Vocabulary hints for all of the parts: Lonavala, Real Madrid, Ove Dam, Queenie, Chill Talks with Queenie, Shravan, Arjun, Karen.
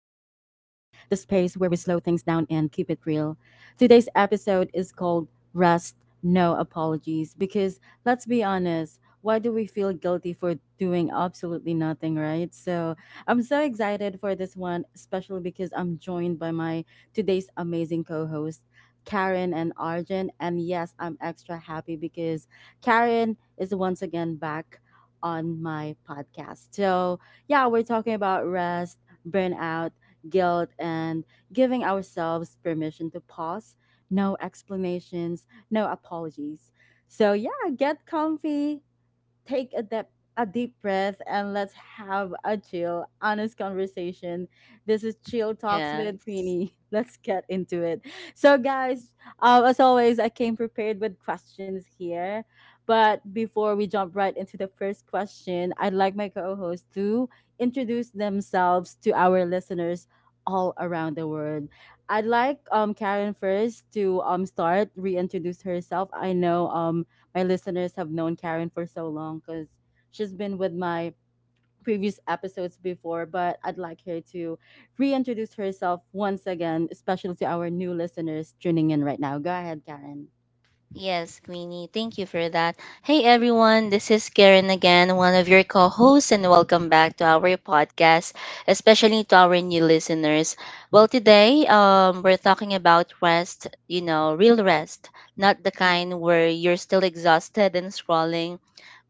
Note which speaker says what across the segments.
Speaker 1: space where we slow things down and keep it real. Today's episode is called Rest, No Apologies, because let's be honest, why do we feel guilty for doing absolutely nothing, right? So I'm so excited for this one, especially because I'm joined by my today's amazing co host. Karen and Arjun, and yes, I'm extra happy because Karen is once again back on my podcast. So, yeah, we're talking about rest, burnout, guilt, and giving ourselves permission to pause. No explanations, no apologies. So, yeah, get comfy, take a deep breath and let's have a chill, honest conversation. This is Chill Talks with
Speaker 2: Yes.
Speaker 1: Queenie. Let's get into it. So, guys, as always, I came prepared with questions here. But before we jump right into the first question, I'd like my co host to introduce themselves to our listeners all around the world. I'd like Karen first to reintroduce herself. I know, my listeners have known Karen for so long because she's been with my previous episodes before, but I'd like her to reintroduce herself once again, especially to our new listeners tuning in right now. Go ahead, Karen.
Speaker 2: Yes, Queenie, thank you for that. Hey, everyone. This is Karen again, one of your co hosts, and welcome back to our podcast, especially to our new listeners. Well, today we're talking about rest, you know, real rest, not the kind where you're still exhausted and scrolling.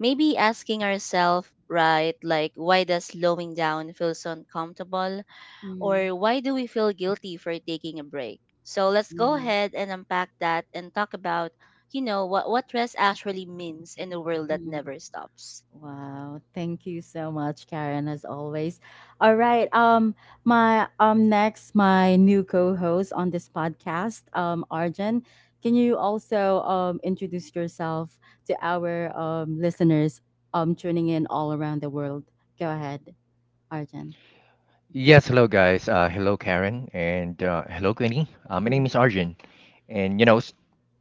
Speaker 2: Maybe asking ourselves, right, like, why does slowing down feel so uncomfortable?
Speaker 1: Mm-hmm.
Speaker 2: Or why do we feel guilty for taking a break? So let's go
Speaker 1: Yeah.
Speaker 2: ahead and unpack that and talk about, you know, what rest actually means in a world that
Speaker 1: Mm-hmm.
Speaker 2: never stops.
Speaker 1: Wow, thank you so much, Karen, as always. All right, my new co-host on this podcast, Arjun, can you also introduce yourself to our listeners tuning in all around the world? Go ahead, Arjun.
Speaker 3: Yes, hello guys. Hello Karen and hello Queenie. My name is
Speaker 1: Mhm,
Speaker 3: Arjun, and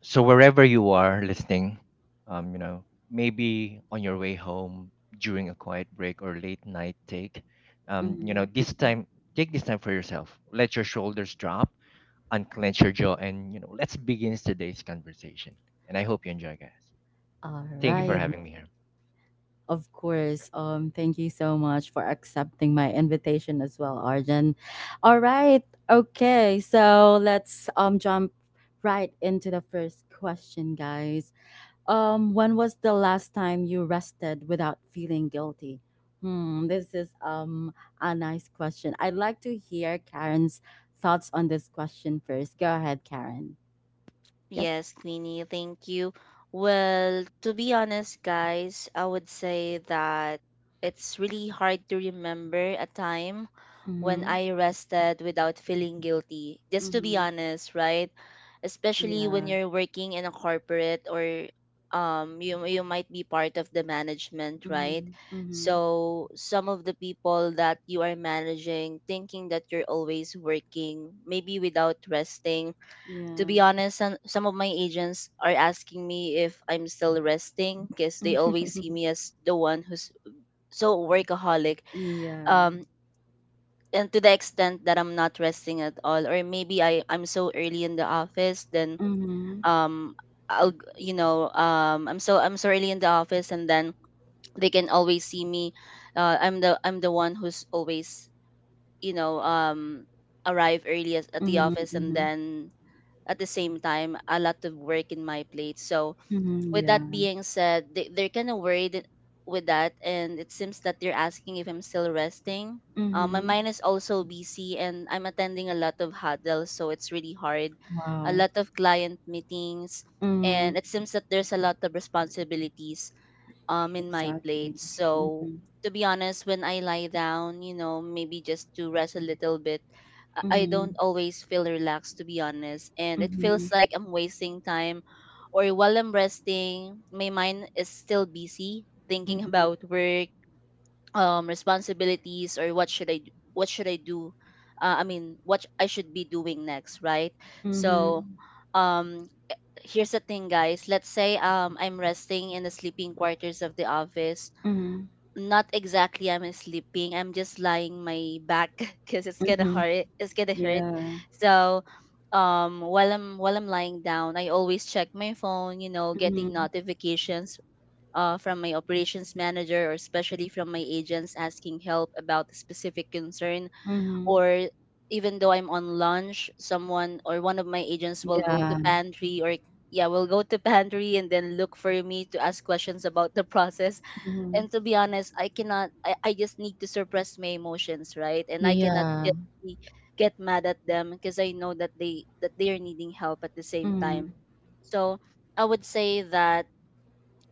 Speaker 3: so wherever you are listening, maybe on your way home during a quiet break or late night take, you know,
Speaker 1: mhm.
Speaker 3: this time take this time for yourself. Let your shoulders drop, unclench your jaw, and let's begin today's conversation. And I hope you enjoy, guys.
Speaker 1: All
Speaker 3: Thank you for
Speaker 1: right.
Speaker 3: having me here.
Speaker 1: Of course. Thank you so much for accepting my invitation as well, Arjun. All right. Okay. So let's jump right into the first question, guys. When was the last time you rested without feeling guilty? This is a nice question. I'd like to hear Karen's thoughts on this question first. Go ahead, Karen. Yep.
Speaker 2: Yes, Queenie, thank you. Well, to be honest, guys, I would say that it's really hard to remember a time when
Speaker 1: Mm-hmm.
Speaker 2: I rested without feeling guilty. Just to be
Speaker 1: Mm-hmm.
Speaker 2: honest, right? Especially when
Speaker 1: Yeah.
Speaker 2: you're working in a corporate or you might be part of the management, right?
Speaker 1: Mm-hmm. Mm-hmm.
Speaker 2: So some of the people that you are managing thinking that you're always working, maybe without resting to
Speaker 1: Yeah.
Speaker 2: be honest, some of my agents are asking me if I'm still resting because they always see me as the one who's so workaholic.
Speaker 1: Yeah.
Speaker 2: Um, and to the extent that I'm not resting at all, or maybe I'm so early in the office, then
Speaker 1: Mhm.
Speaker 2: um, I'll, g- you know, I'm so early in the office, and then they can always see me. I'm the one who's always, you know, arrive early as, at the
Speaker 1: Mhm,
Speaker 2: office, and
Speaker 1: mhm.
Speaker 2: then at the same time a lot of work in my plate. So
Speaker 1: Mhm,
Speaker 2: with
Speaker 1: yeah.
Speaker 2: that being said, they're kind of worried with that, and it seems that they're asking if I'm still resting. My
Speaker 1: Mhm.
Speaker 2: mind is also busy, and I'm attending a lot of huddles, so it's really hard. A
Speaker 1: Wow.
Speaker 2: lot of client meetings,
Speaker 1: Mhm.
Speaker 2: and it seems that there's a lot of responsibilities in my
Speaker 1: Exactly.
Speaker 2: plate. So
Speaker 1: Mhm.
Speaker 2: to be honest, when I lie down, you know, maybe just to rest a little bit, I
Speaker 1: Mhm.
Speaker 2: don't always feel relaxed to be honest, and it feels
Speaker 1: Mhm.
Speaker 2: like I'm wasting time, or while I'm resting, my mind is still busy thinking
Speaker 1: Mhm.
Speaker 2: about work, responsibilities, or what should I do? I mean, I should be doing next, right? So,
Speaker 1: Mhm.
Speaker 2: um, here's the thing, guys. Let's say I'm resting in the sleeping quarters of the office.
Speaker 1: Mhm.
Speaker 2: Not exactly I'm sleeping, I'm just lying my back because it's gonna
Speaker 1: Mhm.
Speaker 2: hurt, it's gonna hurt.
Speaker 1: Yeah.
Speaker 2: So while I'm lying down, I always check my phone, you know, getting
Speaker 1: Mhm.
Speaker 2: notifications from my operations manager, or especially from my agents asking help about a specific concern,
Speaker 1: Mhm.
Speaker 2: or even though I'm on lunch, someone or one of my agents will go to
Speaker 1: Yeah.
Speaker 2: pantry, or yeah, will go to pantry and then look for me to ask questions about the process.
Speaker 1: Mhm.
Speaker 2: And to be honest, I cannot I, I just need to suppress my emotions, right? And I cannot
Speaker 1: Yeah.
Speaker 2: just get mad at them because I know that they are needing help at the same
Speaker 1: Mhm.
Speaker 2: time. So I would say that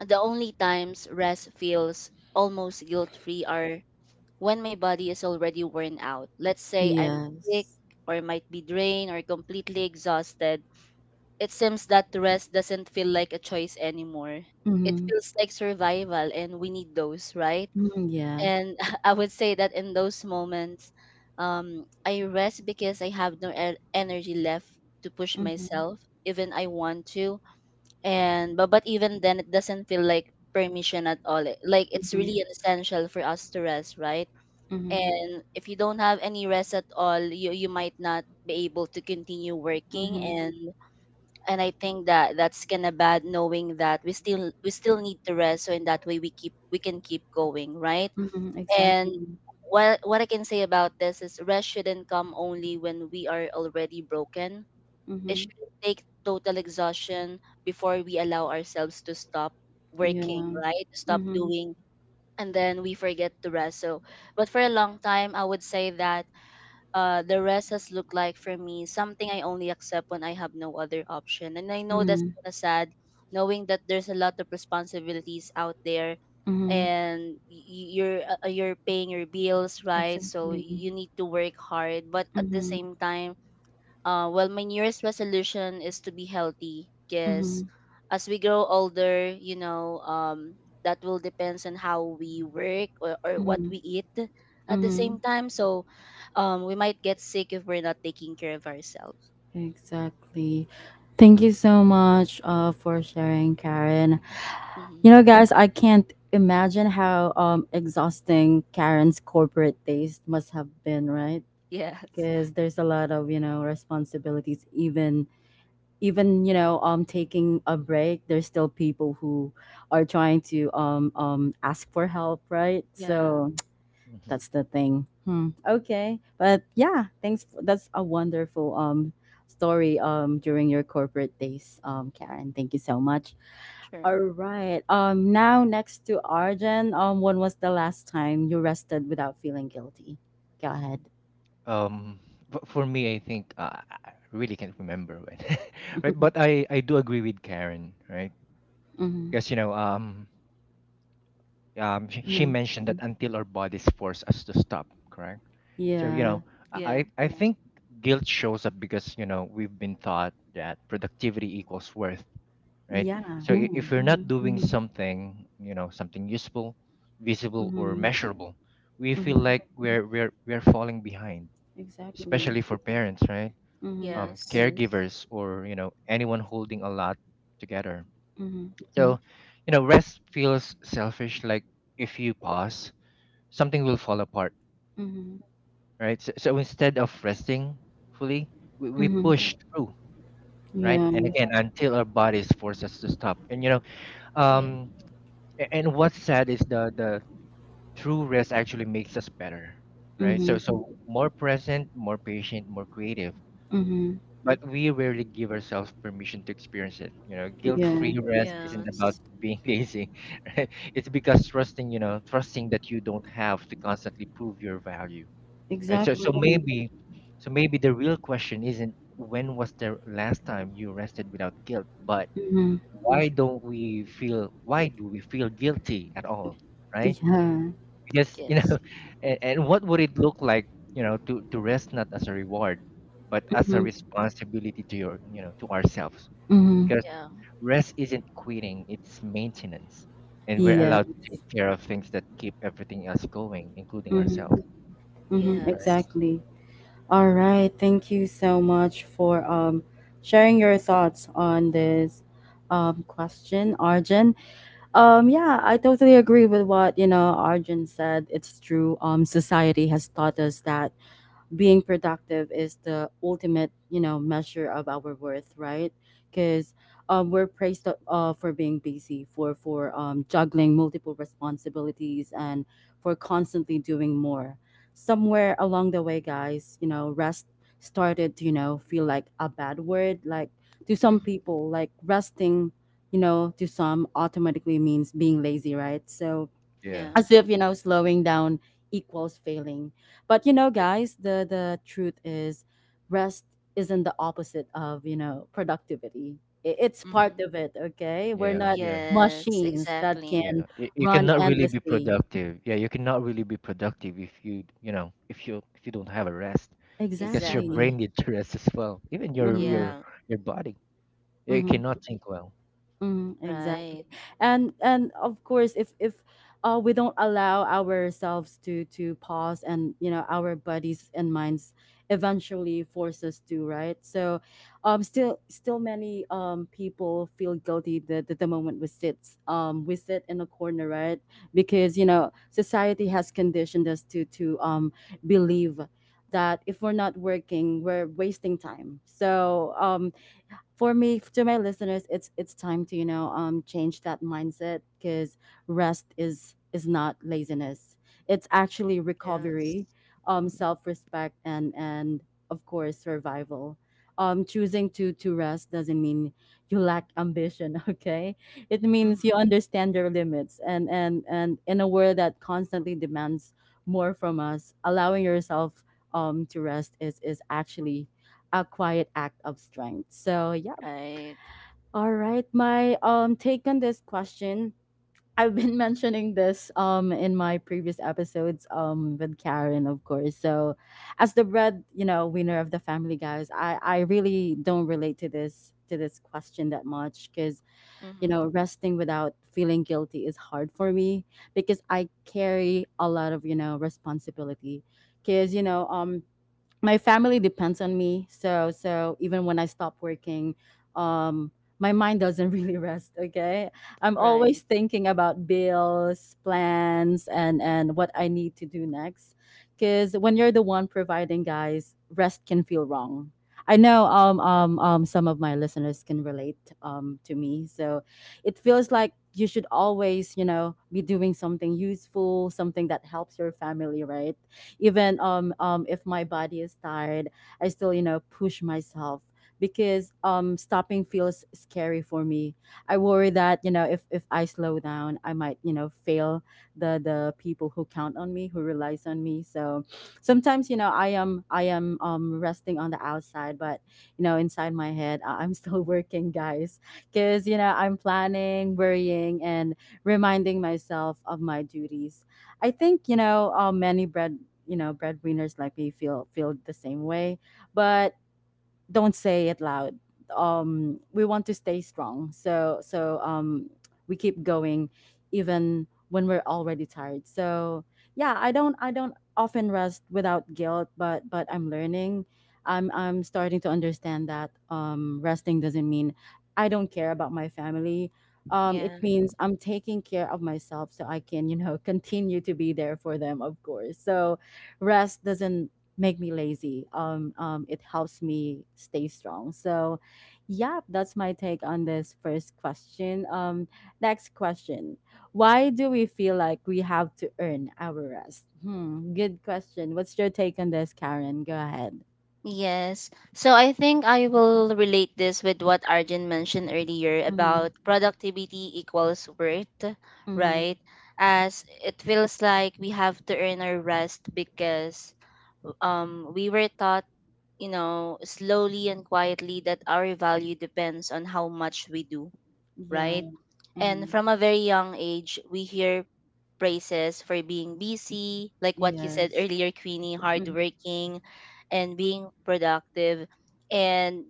Speaker 2: the only times rest feels almost guilt free are when my body is already worn out. Let's say I'm sick,
Speaker 1: Yes.
Speaker 2: or might be drained or completely exhausted. It seems that rest doesn't feel like a choice anymore. It
Speaker 1: Mhm.
Speaker 2: feels like survival, and we need those, right?
Speaker 1: Mhm, yeah.
Speaker 2: And I would say that in those moments, I rest because I have no energy left to push
Speaker 1: Mhm.
Speaker 2: myself, even I want to. And but even then, it doesn't feel like permission at all. Like it's
Speaker 1: Mhm.
Speaker 2: really an essential for us to rest, right?
Speaker 1: Mhm.
Speaker 2: And if you don't have any rest at all, you might not be able to continue working,
Speaker 1: Mhm.
Speaker 2: and I think that that's kind of bad knowing that we still need to rest so in that way we can keep going, right?
Speaker 1: Mhm.
Speaker 2: And
Speaker 1: Exactly.
Speaker 2: what I can say about this is rest shouldn't come only when we are already broken. It
Speaker 1: Mhm.
Speaker 2: shouldn't take total exhaustion before we allow ourselves to stop working,
Speaker 1: Yeah.
Speaker 2: right? To stop
Speaker 1: Mhm.
Speaker 2: doing, and then we forget to rest. So but for a long time, I would say that the rest has looked like for me, something I only accept when I have no other option. And I know that's
Speaker 1: Mhm.
Speaker 2: kind of sad, knowing that there's a lot of responsibilities out there,
Speaker 1: Mhm.
Speaker 2: and you're paying your bills, right? So
Speaker 1: Exactly.
Speaker 2: you need to work hard, but at the
Speaker 1: Mm-hmm.
Speaker 2: same time, well, my New Year's resolution is to be healthy
Speaker 1: Mm-hmm.
Speaker 2: because as we grow older, you know, that will depends on how we work, or what
Speaker 1: Mm-hmm.
Speaker 2: we eat at the
Speaker 1: Mm-hmm.
Speaker 2: same time. So we might get sick if we're not taking care of ourselves.
Speaker 1: Exactly. Thank you so much for sharing, Karen.
Speaker 3: Mhm.
Speaker 2: Hmm.
Speaker 1: You know, guys, I can't imagine how exhausting Karen's corporate days must have been, right?
Speaker 2: Yes.
Speaker 1: Because there's a lot of, you know, responsibilities. Even taking a break, there's still people who are trying to ask for help, right?
Speaker 2: Yeah.
Speaker 1: So
Speaker 3: Mhm.
Speaker 1: that's the thing. Hmm. Okay, but yeah, thanks. That's a wonderful story during your corporate days, Karen. Thank you so much.
Speaker 2: Sure.
Speaker 1: All right. Now next to Arjun. When was the last time you rested without feeling guilty? Go ahead.
Speaker 3: um for me I think I really can't remember when right, but I do agree with Karen, right?
Speaker 1: Hmm.
Speaker 3: Because she
Speaker 1: Hmm.
Speaker 3: mentioned that, Mhm, until our bodies force us to stop, correct? So you
Speaker 1: Yeah.
Speaker 3: know
Speaker 2: Yeah.
Speaker 3: i i think guilt shows up because we've been taught that productivity equals worth, right?
Speaker 1: Yeah.
Speaker 3: So, if, Mhm, you're
Speaker 1: Mm-hmm.
Speaker 3: not doing, Mhm, something, something useful, visible or
Speaker 1: Mm-hmm.
Speaker 3: measurable, we feel
Speaker 1: Mm-hmm.
Speaker 3: like we're falling behind,
Speaker 1: Exactly.
Speaker 3: especially for parents, right?
Speaker 1: Mm-hmm.
Speaker 3: Mm-hmm,
Speaker 2: Yes.
Speaker 3: caregivers, or anyone holding a lot together.
Speaker 1: Mm-hmm.
Speaker 3: So rest feels selfish, like if you pause, something will fall apart,
Speaker 1: Mm-hmm.
Speaker 3: right? So instead of resting fully, we
Speaker 1: Mm-hmm.
Speaker 3: push through, right? And
Speaker 1: Yeah.
Speaker 3: again, until our bodies force us to stop. And
Speaker 2: Yeah.
Speaker 3: um and what's sad is the true rest actually makes us better, right?
Speaker 1: Mm-hmm.
Speaker 3: So more present, more patient, more creative,
Speaker 1: Mm-hmm.
Speaker 3: but we rarely give ourselves permission to experience it.
Speaker 1: Yeah.
Speaker 3: Guilt-free rest isn't about
Speaker 2: Yes.
Speaker 3: being lazy, right? It's because trusting, trusting that you don't have to constantly prove your value. Right?
Speaker 2: Hmm.
Speaker 3: So, so
Speaker 1: Exactly.
Speaker 3: maybe, so maybe the real question isn't when was the last time you rested without guilt, but
Speaker 1: Mhm.
Speaker 3: why don't we feel? Why do we feel guilty at all? Right?
Speaker 1: Yeah.
Speaker 3: Because
Speaker 2: Yes.
Speaker 3: and what would it look like, to rest not as a reward but as a
Speaker 1: Mhm.
Speaker 3: responsibility to your you know to ourselves,
Speaker 1: Mhm.
Speaker 3: because
Speaker 2: Yeah.
Speaker 3: rest isn't quitting, it's maintenance. And we're
Speaker 1: Yeah.
Speaker 3: allowed to take care of things that keep everything else going, including
Speaker 1: Mhm.
Speaker 3: ourselves,
Speaker 1: Mhm.
Speaker 3: right?
Speaker 2: Yes.
Speaker 1: Exactly. All
Speaker 3: Mm.
Speaker 1: right. Thank you so much for sharing your thoughts on this question, Arjun. Yeah, I totally agree with what, you know, Arjun said. It's true. Society has taught us that being productive is the ultimate, measure of our worth, right? Because we're praised, for being busy, for juggling multiple responsibilities and for constantly doing more. Somewhere along the way, guys, rest started to, feel like a bad word. Like, to some
Speaker 2: Hmm.
Speaker 1: people, like resting, to some automatically means being lazy, right? So
Speaker 3: yeah
Speaker 2: Yeah.
Speaker 1: as if, slowing down equals failing. But,
Speaker 2: Yeah.
Speaker 1: guys, the truth is, rest isn't the opposite of, productivity. It's part
Speaker 2: Hmm.
Speaker 1: of it, okay? We're
Speaker 3: yeah,
Speaker 1: not
Speaker 3: yeah.
Speaker 2: Yes.
Speaker 1: machines that
Speaker 2: Exactly.
Speaker 1: can
Speaker 3: Yeah, you
Speaker 1: run
Speaker 3: cannot really be
Speaker 1: endlessly,
Speaker 3: productive. Yeah, you cannot really be productive if you don't have a rest, because your
Speaker 1: exactly.
Speaker 3: brain
Speaker 2: Exactly.
Speaker 3: needs to rest as well. Even your
Speaker 1: Mm-hmm.
Speaker 3: your
Speaker 2: Yeah.
Speaker 3: your body, yeah, it
Speaker 1: Mm-hmm.
Speaker 3: cannot
Speaker 2: Mm.
Speaker 3: think well.
Speaker 1: Mm, exactly.
Speaker 2: Right.
Speaker 1: And of course, if we don't allow ourselves to pause, and, our bodies and minds eventually force us to, right? So still many people feel guilty that, the moment we sit, in a corner, right? Because, society has conditioned us to, believe that if we're not working we're wasting time. So, for me, to my listeners, it's time to, change that mindset, because rest is not laziness. It's actually
Speaker 2: Yes.
Speaker 1: recovery,
Speaker 2: Mm,
Speaker 1: self-respect, and of course survival. Choosing to rest doesn't mean you lack ambition, okay? It
Speaker 2: mhm.
Speaker 1: means you understand your limits, and in a world that constantly demands more from us, allowing yourself to rest is actually a quiet act of strength, so yeah.
Speaker 2: Right.
Speaker 1: All right, my take on this question. I've been mentioning this in my previous episodes with Karen, of course. So, as the bread, winner of the family, guys, I really don't relate to this question that much, because,
Speaker 2: Mhm.
Speaker 1: resting without feeling guilty is hard for me, because I carry a lot of, responsibility. Because, my family depends on me. So even when I stop working, um my mind doesn't really rest, okay. I'm always
Speaker 2: Right.
Speaker 1: thinking about bills, plans, and what I need to do next, because when you're the one providing, guys, rest can feel wrong. I know, some of my listeners can relate, to me. So it feels like you should always, be doing something useful, something that helps your family, right? Even, if my body is tired, I still, push myself, because, stopping feels scary for me. I worry that, if I slow down, I might, fail the people who count on me, who relies on me. So sometimes, I am resting on the outside, but, inside my head, I'm still working, guys, because, I'm planning, worrying, and reminding myself of my duties. I think, many breadwinners like me feel the same way, but don't say it loud. We want to stay strong, so we keep going even when we're already tired. So yeah, I don't often rest without guilt, but I'm learning. I'm starting to understand that, resting doesn't mean I don't care about my family.
Speaker 2: Yeah.
Speaker 1: It means I'm taking care of myself so I can, continue to be there for them, of course. So rest doesn't make me lazy. It helps me stay strong. So, yeah, that's my take on this first question. Next question: Why do we feel like we have to earn our rest? Good question. What's your take on this, Karen? Go ahead.
Speaker 2: Yes, so I think I will relate this with what Arjun mentioned earlier
Speaker 1: Mm-hmm.
Speaker 2: about productivity equals worth,
Speaker 1: Mm-hmm.
Speaker 2: right? As it feels like we have to earn our rest because we were taught, you know, slowly and quietly that our value depends on how much we do,
Speaker 1: Yeah.
Speaker 2: right? And
Speaker 1: Mm-hmm.
Speaker 2: from a very young age, we hear praises for being busy, like what you said
Speaker 1: Yes.
Speaker 2: earlier, Queenie,
Speaker 1: Mm-hmm.
Speaker 2: hardworking and being productive. And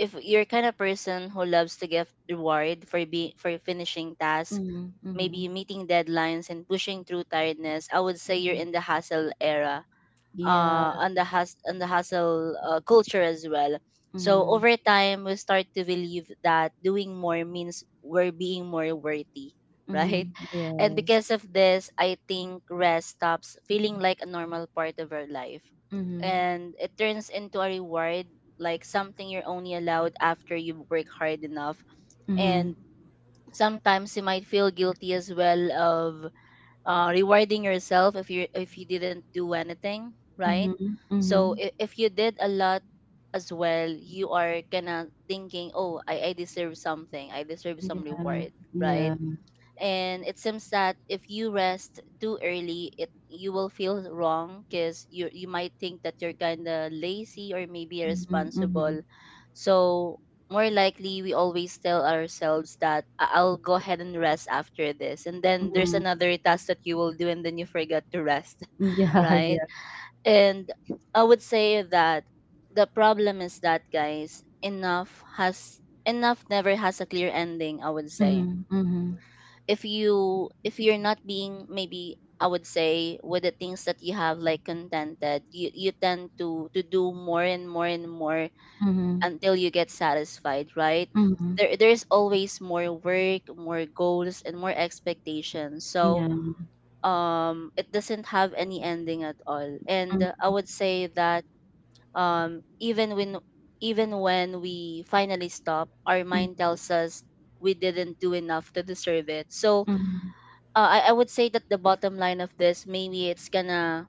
Speaker 2: if you're kind of person who loves to get reward for be for finishing tasks,
Speaker 1: Mm-hmm. Mm-hmm.
Speaker 2: maybe meeting deadlines and pushing through tiredness, I would say
Speaker 1: Mm-hmm.
Speaker 2: you're in the hustle era,
Speaker 1: Yeah.
Speaker 2: on the on the hustle culture as well. So
Speaker 1: Mm-hmm.
Speaker 2: over time, we start to believe that doing more means we're being more worthy, right?
Speaker 1: Mm-hmm.
Speaker 2: And
Speaker 1: Yes.
Speaker 2: because of this, I think rest stops feeling like a normal part of our life,
Speaker 1: Mm-hmm.
Speaker 2: and it turns into a reward, like something you're only allowed after you work hard enough.
Speaker 1: Mm-hmm.
Speaker 2: And sometimes you might feel guilty as well of rewarding yourself if you didn't do anything right.
Speaker 1: Mm-hmm. Mm-hmm.
Speaker 2: So if you did a lot as well, you are kind of thinking, oh, I deserve something, I deserve some reward,
Speaker 1: Yeah.
Speaker 2: right? And it seems that if you rest too early, it you will feel wrong because you might think that you're kind of lazy or maybe
Speaker 1: Mhm, mhm,
Speaker 2: irresponsible. So more likely we always tell ourselves that, "I- "i'll go ahead and rest after this," and then there's
Speaker 1: mhm.
Speaker 2: another task that you will do, and then you forget to rest.
Speaker 1: Yeah, yeah.
Speaker 2: Right? And I would say that the problem is that, guys, enough never has a clear ending, I would say.
Speaker 1: Mhm, mhm,
Speaker 2: If you if you're not being maybe I would say with the things that you have like contented, you tend to do more and more and more
Speaker 1: mhm,
Speaker 2: until you get satisfied, right?
Speaker 1: mhm.
Speaker 2: There there's always more work, more goals, and more expectations. So
Speaker 1: Yeah.
Speaker 2: it doesn't have any ending at all. And
Speaker 1: Mm,
Speaker 2: I would say that um even when even when we finally stop, our
Speaker 1: mm,
Speaker 2: mind tells us we didn't do enough to deserve it. So
Speaker 1: mhm.
Speaker 2: I would say that the bottom line of this maybe it's gonna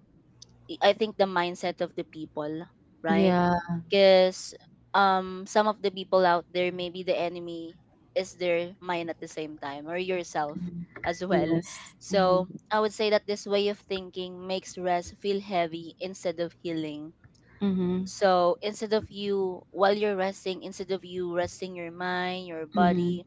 Speaker 2: I think the mindset of the people, right?
Speaker 1: Yeah.
Speaker 2: Because some of the people out there maybe the enemy is their mind at the same time, or yourself
Speaker 1: Mhm.
Speaker 2: as well.
Speaker 1: Yes.
Speaker 2: So
Speaker 1: Mhm,
Speaker 2: I would say that this way of thinking makes rest feel heavy instead of healing.
Speaker 1: mhm,
Speaker 2: So instead of you while you're resting, instead of you resting your mind your
Speaker 1: mhm.
Speaker 2: body,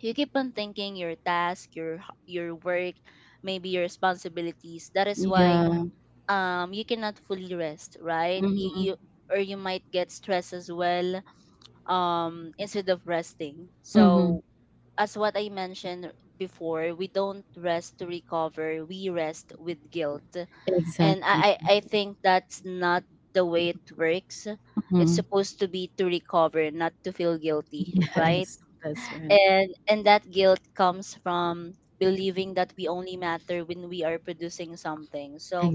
Speaker 2: you keep on thinking your task your your work, maybe your responsibilities. That is why
Speaker 1: Yeah.
Speaker 2: you cannot fully rest, right? you,
Speaker 1: Mhm,
Speaker 2: you Or you might get stressed as well instead of resting.
Speaker 1: mhm.
Speaker 2: So as what I mentioned before, we don't rest to recover, we rest with guilt, and
Speaker 1: Exactly.
Speaker 2: I think that's not the way it works. It's
Speaker 1: Mhm.
Speaker 2: supposed to be to recover, not to feel guilty, right?
Speaker 1: Yes, that's right.
Speaker 2: And that guilt comes from believing that we only matter when we are producing something. So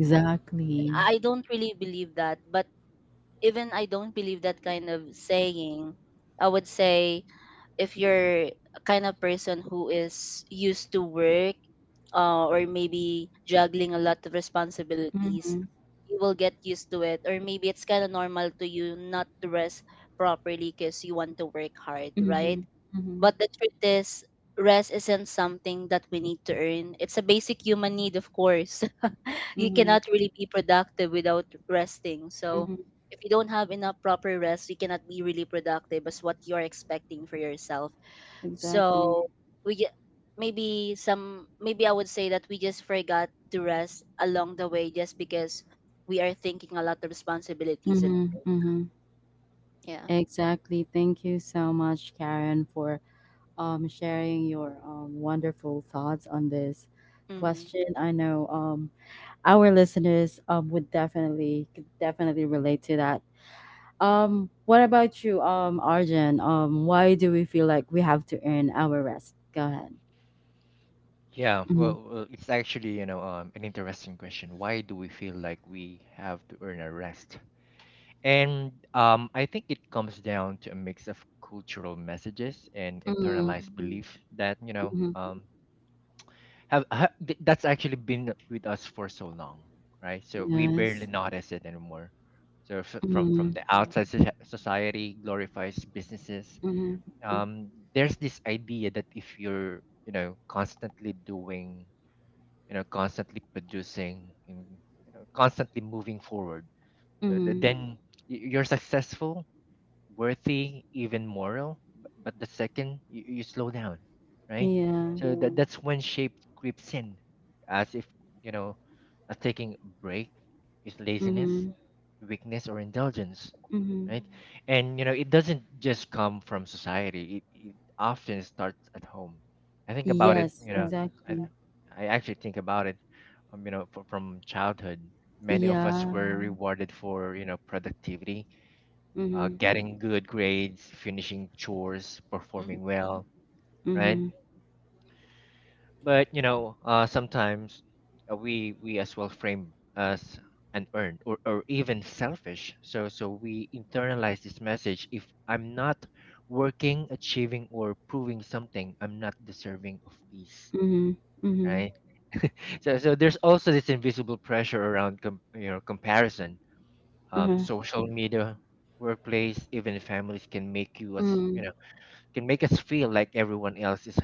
Speaker 2: and I don't really believe that, but even I don't believe that kind of saying, I would say if you're a kind of person who is used to work, or maybe juggling a lot of responsibilities,
Speaker 1: Mhm,
Speaker 2: you will get used to it, or maybe it's kind of normal to you not to rest properly because you want to work hard, right?
Speaker 1: mhm, mhm,
Speaker 2: But the truth is, rest isn't something that we need to earn. It's a basic human need, of course. You
Speaker 1: mhm,
Speaker 2: cannot really be productive without resting. So,
Speaker 1: mhm.
Speaker 2: if you don't have enough proper rest, you cannot be really productive as what you're expecting for yourself.
Speaker 1: Exactly.
Speaker 2: So, we ju- maybe I would say that we just forgot to rest along the way just because we are thinking a lot of responsibilities and
Speaker 1: Mm-hmm, mm-hmm.
Speaker 2: yeah.
Speaker 1: Exactly. Thank you so much, Karen, for sharing your wonderful thoughts on this
Speaker 2: Mhm.
Speaker 1: question. I know, our listeners would definitely could definitely relate to that. What about you, Arjun? Why do we feel like we have to earn our rest? Go ahead.
Speaker 3: Yeah,
Speaker 1: Mm-hmm.
Speaker 3: well, it's actually, an interesting question. Why do we feel like we have to earn a rest? And I think it comes down to a mix of cultural messages and
Speaker 1: Mm-hmm.
Speaker 3: internalized
Speaker 2: Mhm.
Speaker 3: belief that
Speaker 1: Mm-hmm.
Speaker 3: that's actually been with us for so long, right? So we barely
Speaker 1: Yes.
Speaker 3: notice it anymore. So from
Speaker 1: Mm-hmm.
Speaker 3: the outside, society glorifies businesses.
Speaker 1: Mm-hmm.
Speaker 3: There's this idea that if you're, constantly doing, constantly producing, and constantly moving forward,
Speaker 1: Mm-hmm.
Speaker 3: then you're successful, worthy, even moral. But the second, you slow down, right?
Speaker 1: Yeah.
Speaker 3: So that that's when shape creeps in, as if, you know, a taking a break is laziness,
Speaker 1: Mm-hmm.
Speaker 3: weakness, or indulgence,
Speaker 1: Mm-hmm.
Speaker 3: right? And it doesn't just come from society. It often starts at home. I think about it.
Speaker 1: Yes,
Speaker 3: You know,
Speaker 1: exactly.
Speaker 3: I actually think about it. From childhood, many of us
Speaker 1: Yeah.
Speaker 3: were rewarded for, productivity,
Speaker 1: Mm-hmm.
Speaker 3: getting good grades, finishing chores,
Speaker 2: Mhm.
Speaker 3: performing well, right?
Speaker 1: Mm-hmm.
Speaker 3: But you know, sometimes we as well frame as unearned, or even selfish. So we internalize this message: if I'm not working, achieving, or proving something, I'm not deserving of peace,
Speaker 1: Mm-hmm. Mm-hmm.
Speaker 3: right? So there's also this invisible pressure around comparison. Social media, workplace, even families can make you, as
Speaker 1: Mm-hmm.
Speaker 3: you know can make us feel like everyone else is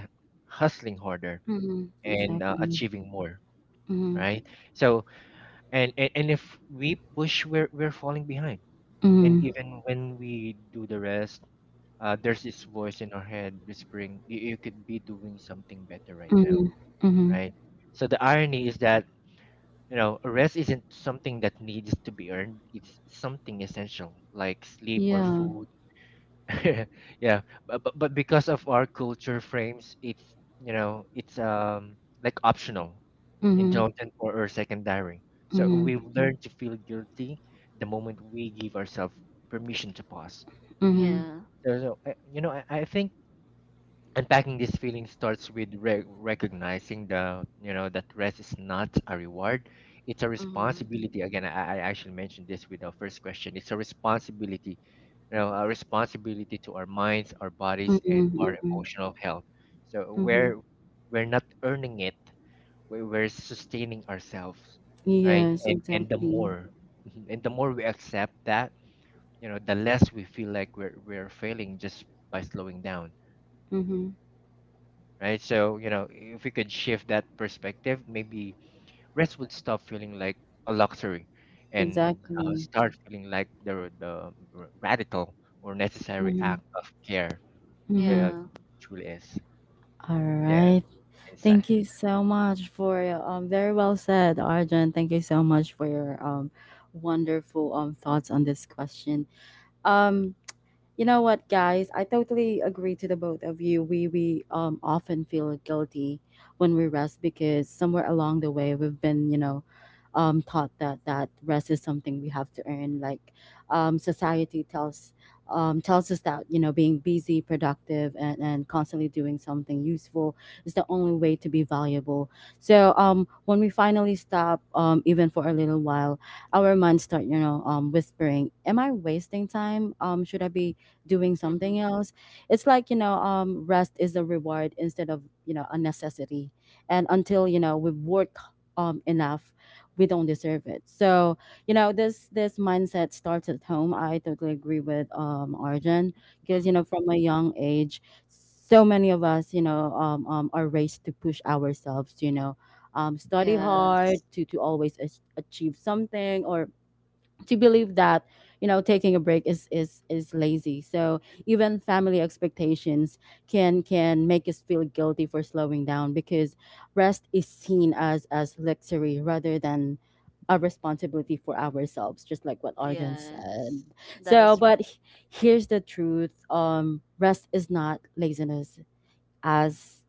Speaker 3: hustling harder
Speaker 1: Mhm.
Speaker 3: and,
Speaker 1: Exactly.
Speaker 3: achieving more,
Speaker 1: Mhm.
Speaker 3: right? So and, and and if we push, we're falling behind, and
Speaker 1: Mhm.
Speaker 3: even when we do the rest, there's this voice in our head whispering, you could be doing something better right now,
Speaker 1: Mhm. Mhm.
Speaker 3: right? So the irony is that, rest isn't something that needs to be earned. It's something essential, like sleep or
Speaker 1: Yeah.
Speaker 3: food. Yeah. But because of our culture frames it's like optional,
Speaker 1: Mhm.
Speaker 3: indulgent, or secondary. So
Speaker 1: Mhm.
Speaker 3: we've, Mhm, learned to feel guilty the moment we give ourselves permission to pause.
Speaker 1: Mhm.
Speaker 2: Yeah.
Speaker 3: So I, I think unpacking this feeling starts with recognizing the you know that rest is not a reward. It's a
Speaker 2: Mhm.
Speaker 3: responsibility. Again, I actually mentioned this with our first question. It's a responsibility, a responsibility to our minds, our
Speaker 1: Mhm.
Speaker 3: bodies, and our
Speaker 1: Mhm.
Speaker 3: emotional health. So
Speaker 1: Mhm.
Speaker 3: we're not earning it. We're sustaining ourselves, right?
Speaker 1: Yes,
Speaker 3: And the
Speaker 1: exactly.
Speaker 3: more mhm, and the more we accept that, the less we feel like we're failing just by slowing down,
Speaker 1: Mhm.
Speaker 3: right? So, you know, if we could shift that perspective, maybe rest would stop feeling like a luxury and
Speaker 1: Exactly.
Speaker 3: start feeling like radical or necessary
Speaker 1: Mhm.
Speaker 3: act of care uh,
Speaker 1: Mhm.
Speaker 2: Yeah.
Speaker 3: truly is.
Speaker 1: All
Speaker 3: Yeah,
Speaker 1: right. Thank
Speaker 3: inside.
Speaker 1: you so much for your, very well said, Arjun. Thank you so much for your wonderful thoughts on this question. Um You know what, guys? I totally agree to the both of you. We often feel guilty when we rest because somewhere along the way we've been, taught that rest is something we have to earn. Like, society tells us that, being busy, productive, and constantly doing something useful is the only way to be valuable. So, when we finally stop, even for a little while, our minds start, whispering, Am I wasting time? Should I be doing something
Speaker 2: Mhm.
Speaker 1: else it's Like rest is a reward instead of a necessity, and until we've worked enough, we don't deserve it. So this mindset starts at home. I totally agree with Arjun, because
Speaker 2: Mhm.
Speaker 1: from a young age, so many of us are raised to push ourselves, study
Speaker 2: Yes,
Speaker 1: hard, to always achieve something, or to believe that taking a break is lazy. So even family expectations can make us feel guilty for slowing down, because rest is seen as luxury rather than a responsibility for ourselves, just like what Arjun
Speaker 2: yes,
Speaker 1: said.
Speaker 2: that
Speaker 1: so
Speaker 2: is
Speaker 1: but
Speaker 2: right.
Speaker 1: he- Here's the truth: rest is not laziness. As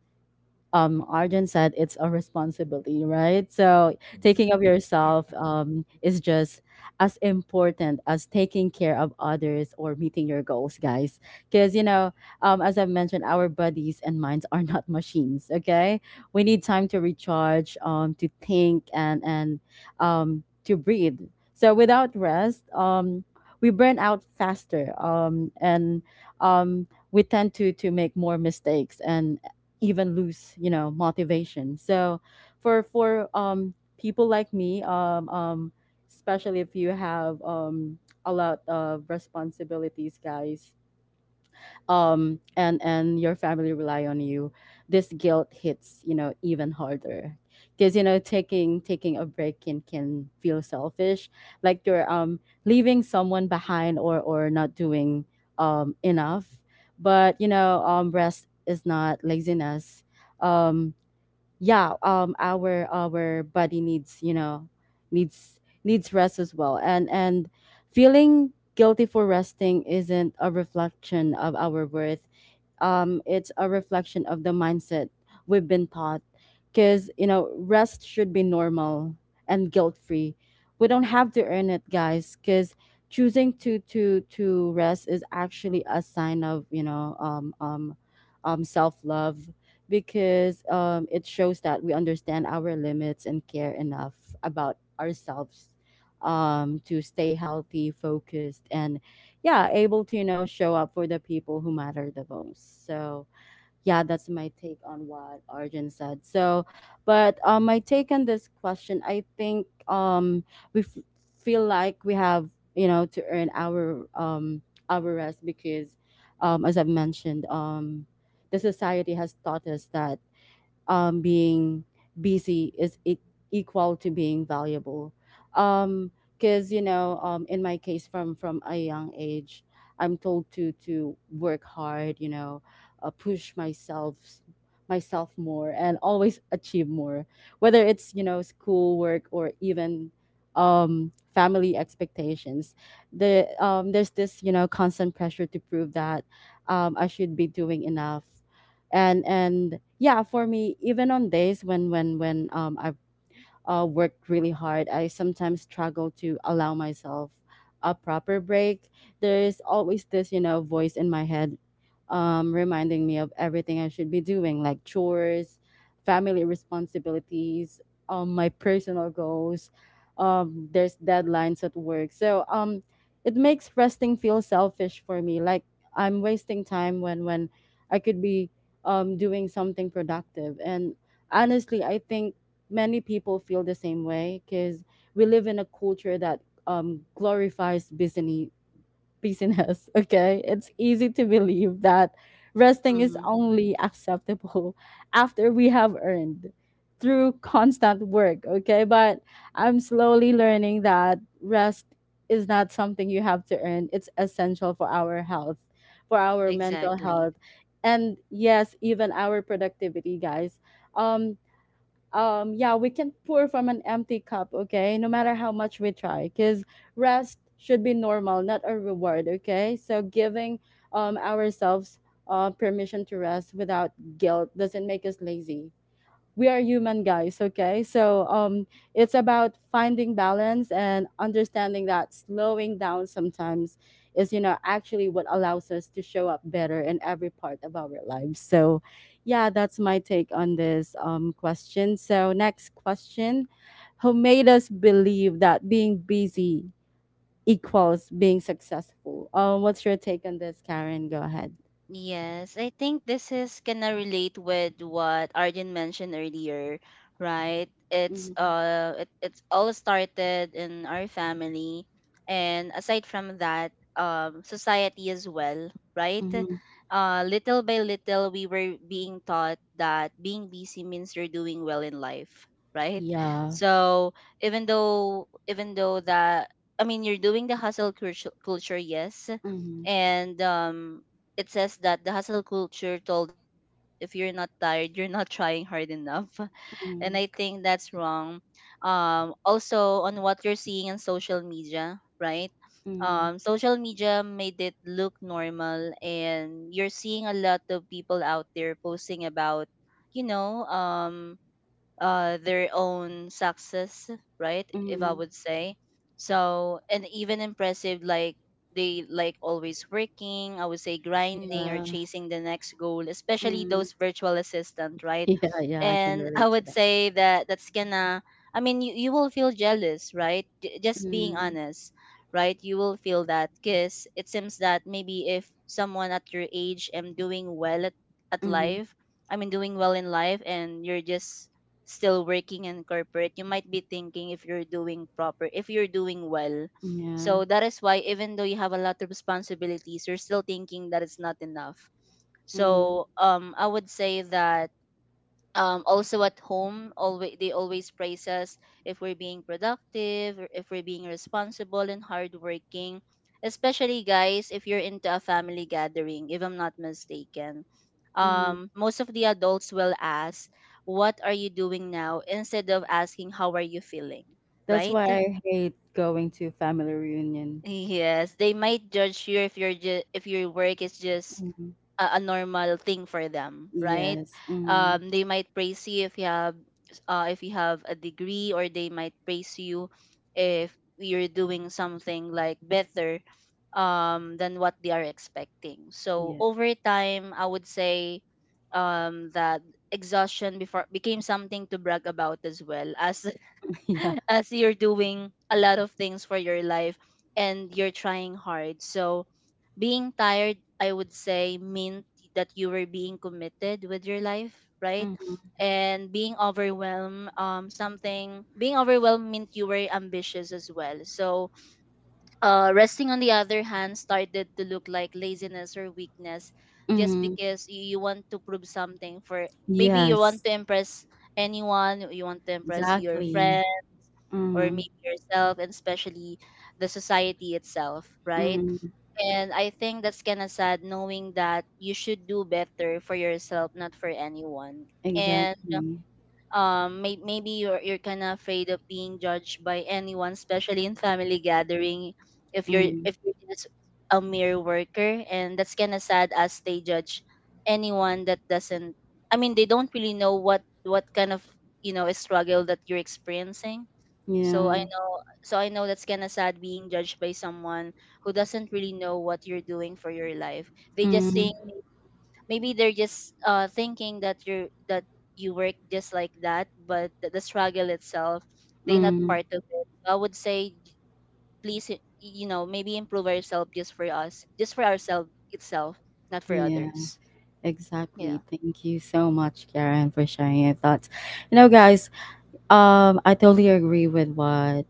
Speaker 1: Arjun said, it's a responsibility, right? So taking
Speaker 3: Mhm.
Speaker 1: of
Speaker 3: I
Speaker 1: yourself
Speaker 3: agree.
Speaker 1: is just as important as taking care of others or meeting your goals, guys. Because, as I've mentioned, our bodies and minds are not machines, okay? We need time to recharge, to think, and to breathe. So without rest, we burn out faster, and um, we tend to make more mistakes and even lose motivation. So for people like me, especially if you have a lot of responsibilities, guys, and your family rely on you, this guilt hits even harder, because taking a break can feel selfish, like you're leaving someone behind, or not doing enough. But rest is not laziness. Um, yeah our body needs, needs rest as well, and feeling guilty for resting isn't a reflection of our worth. Um, it's a reflection of the mindset we've been taught. Because, rest should be normal and guilt free. We don't have to earn it, guys, because choosing to rest is actually a sign of self love, because it shows that we understand our limits and care enough about ourselves to stay healthy, focused, and yeah able to show up for the people who matter the most. So yeah that's my take on what Arjun said. So but my take on this question: I think we f- feel like we have, to earn our our rest, because as I've mentioned, the society has taught us that being busy is equal to being valuable. Because in my case, from a young age, I'm told to work hard. Push myself more and always achieve more, whether it's school work or even family expectations. There's this, constant pressure to prove that I should be doing enough. And yeah For me, even on days when I've worked really hard, I sometimes struggle to allow myself a proper break. There's always this, voice in my head, reminding me of everything I should be doing, like chores, family responsibilities, my personal goals. There's deadlines at work, so it makes resting feel selfish for me. Like I'm wasting time when I could be doing something productive. And honestly, I think many people feel the same way, because we live in a culture that glorifies busy business. Okay. It's easy to believe that resting is
Speaker 2: Hmm.
Speaker 1: only acceptable after we have earned through constant work. Okay. But I'm slowly learning that rest is not something you have to earn. It's essential for our health, for our mental
Speaker 2: Exactly.
Speaker 1: health. And yes, even our productivity, guys. Um, yeah, we can pour from an empty cup, okay, no matter how much we try, because rest should be normal, not a reward. Okay, so giving ourselves permission to rest without guilt doesn't make us lazy. We are human, guys, okay? So it's about finding balance and understanding that slowing down sometimes is, actually what allows us to show up better in every part of our lives. So yeah that's my take on this question. So next question: who made us believe that being busy equals being successful? What's your take on this, Karen? Go ahead.
Speaker 2: Yes, I think this is gonna relate with what Arjun mentioned earlier, right? It's
Speaker 1: Mhm.
Speaker 2: uh it, it's all started in our family, and aside from that, society as well, right?
Speaker 1: Mhm.
Speaker 2: Little by little we were being taught that being busy means you're doing well in life, right?
Speaker 1: Yeah.
Speaker 2: So even though that I mean you're doing the hustle culture, yes,
Speaker 1: Mhm.
Speaker 2: and it says that the hustle culture told us that if you're not tired, you're not trying hard enough. And
Speaker 1: Mhm.
Speaker 2: I think that's wrong. Also, on what you're seeing in social media, right?
Speaker 1: Mhm.
Speaker 2: Social media made it look normal, and you're seeing a lot of people out there posting about, you know, um, their own success, right? If I
Speaker 1: Mhm.
Speaker 2: would say so, and even impressive, like they like always working. I would say grinding or
Speaker 1: Yeah.
Speaker 2: chasing the next goal, especially
Speaker 1: Mm.
Speaker 2: those virtual assistant, right?
Speaker 1: Yeah, yeah, I can
Speaker 2: And I
Speaker 1: relate to
Speaker 2: would
Speaker 1: that.
Speaker 2: say that that's gonna. I mean, you will feel jealous, right? Just being
Speaker 1: Mm.
Speaker 2: honest, right? You will feel that because it seems that maybe if someone at your age am doing well at
Speaker 1: Mhm.
Speaker 2: life, I mean, doing well in life, and you're just still working in corporate, you might be thinking if you're doing proper, if you're doing well.
Speaker 1: Yeah.
Speaker 2: So that is why even though you have a lot of responsibilities, you're still thinking that it's not enough.
Speaker 1: Mm.
Speaker 2: So I would say that also at home always they always praise us if we're being productive or if we're being responsible and hardworking, especially guys if you're into a family gathering. If I'm not mistaken,
Speaker 1: Mhm.
Speaker 2: most of the adults will ask what are you doing now instead of asking how are you feeling,
Speaker 1: That's
Speaker 2: right?
Speaker 1: why I hate going to family reunion.
Speaker 2: Yes, they might judge you if you're just if your work is just
Speaker 1: Mhm.
Speaker 2: a normal thing for them, right?
Speaker 1: Yes. Mm.
Speaker 2: They might praise you if you have a degree, or they might praise you if you're doing something like better than what they are expecting. So
Speaker 1: Yeah.
Speaker 2: over time, I would say that exhaustion before became something to brag about, as well as
Speaker 1: Yeah.
Speaker 2: as you're doing a lot of things for your life and you're trying hard. So being tired, I would say, meant that you were being committed with your life, right?
Speaker 1: Mhm.
Speaker 2: And being overwhelmed, something being overwhelmed meant you were ambitious as well. So resting on the other hand started to look like laziness or weakness, just
Speaker 1: Mhm.
Speaker 2: because you want to prove something for maybe you want
Speaker 1: Yes.
Speaker 2: to impress anyone, you want to impress your
Speaker 1: Exactly.
Speaker 2: friends, or
Speaker 1: Mhm.
Speaker 2: maybe yourself, and especially the society itself, right?
Speaker 1: Mhm.
Speaker 2: And I think that's kind of sad knowing that you should do better for yourself, not for anyone. And
Speaker 1: Exactly.
Speaker 2: maybe you're kind of afraid of being judged by anyone, especially in family gathering.
Speaker 1: Mhm.
Speaker 2: If you're just a mere worker, and that's kind of sad as they judge anyone that doesn't. I mean, they don't really know what kind of you know struggle that you're experiencing. So I
Speaker 1: Yeah.
Speaker 2: know, so I know that's kind of sad being judged by someone who doesn't really know what you're doing for your life. They just
Speaker 1: Mhm.
Speaker 2: think maybe they're just thinking that you work just like that, but the struggle itself, they not
Speaker 1: Mhm.
Speaker 2: part of it. So I would say please you know, maybe improve ourselves just for us, just for ourselves itself, not for
Speaker 1: Yeah,
Speaker 2: others. Yeah.
Speaker 1: exactly. Thank you so much, Karen, for sharing your thoughts. You know, guys, I totally agree with what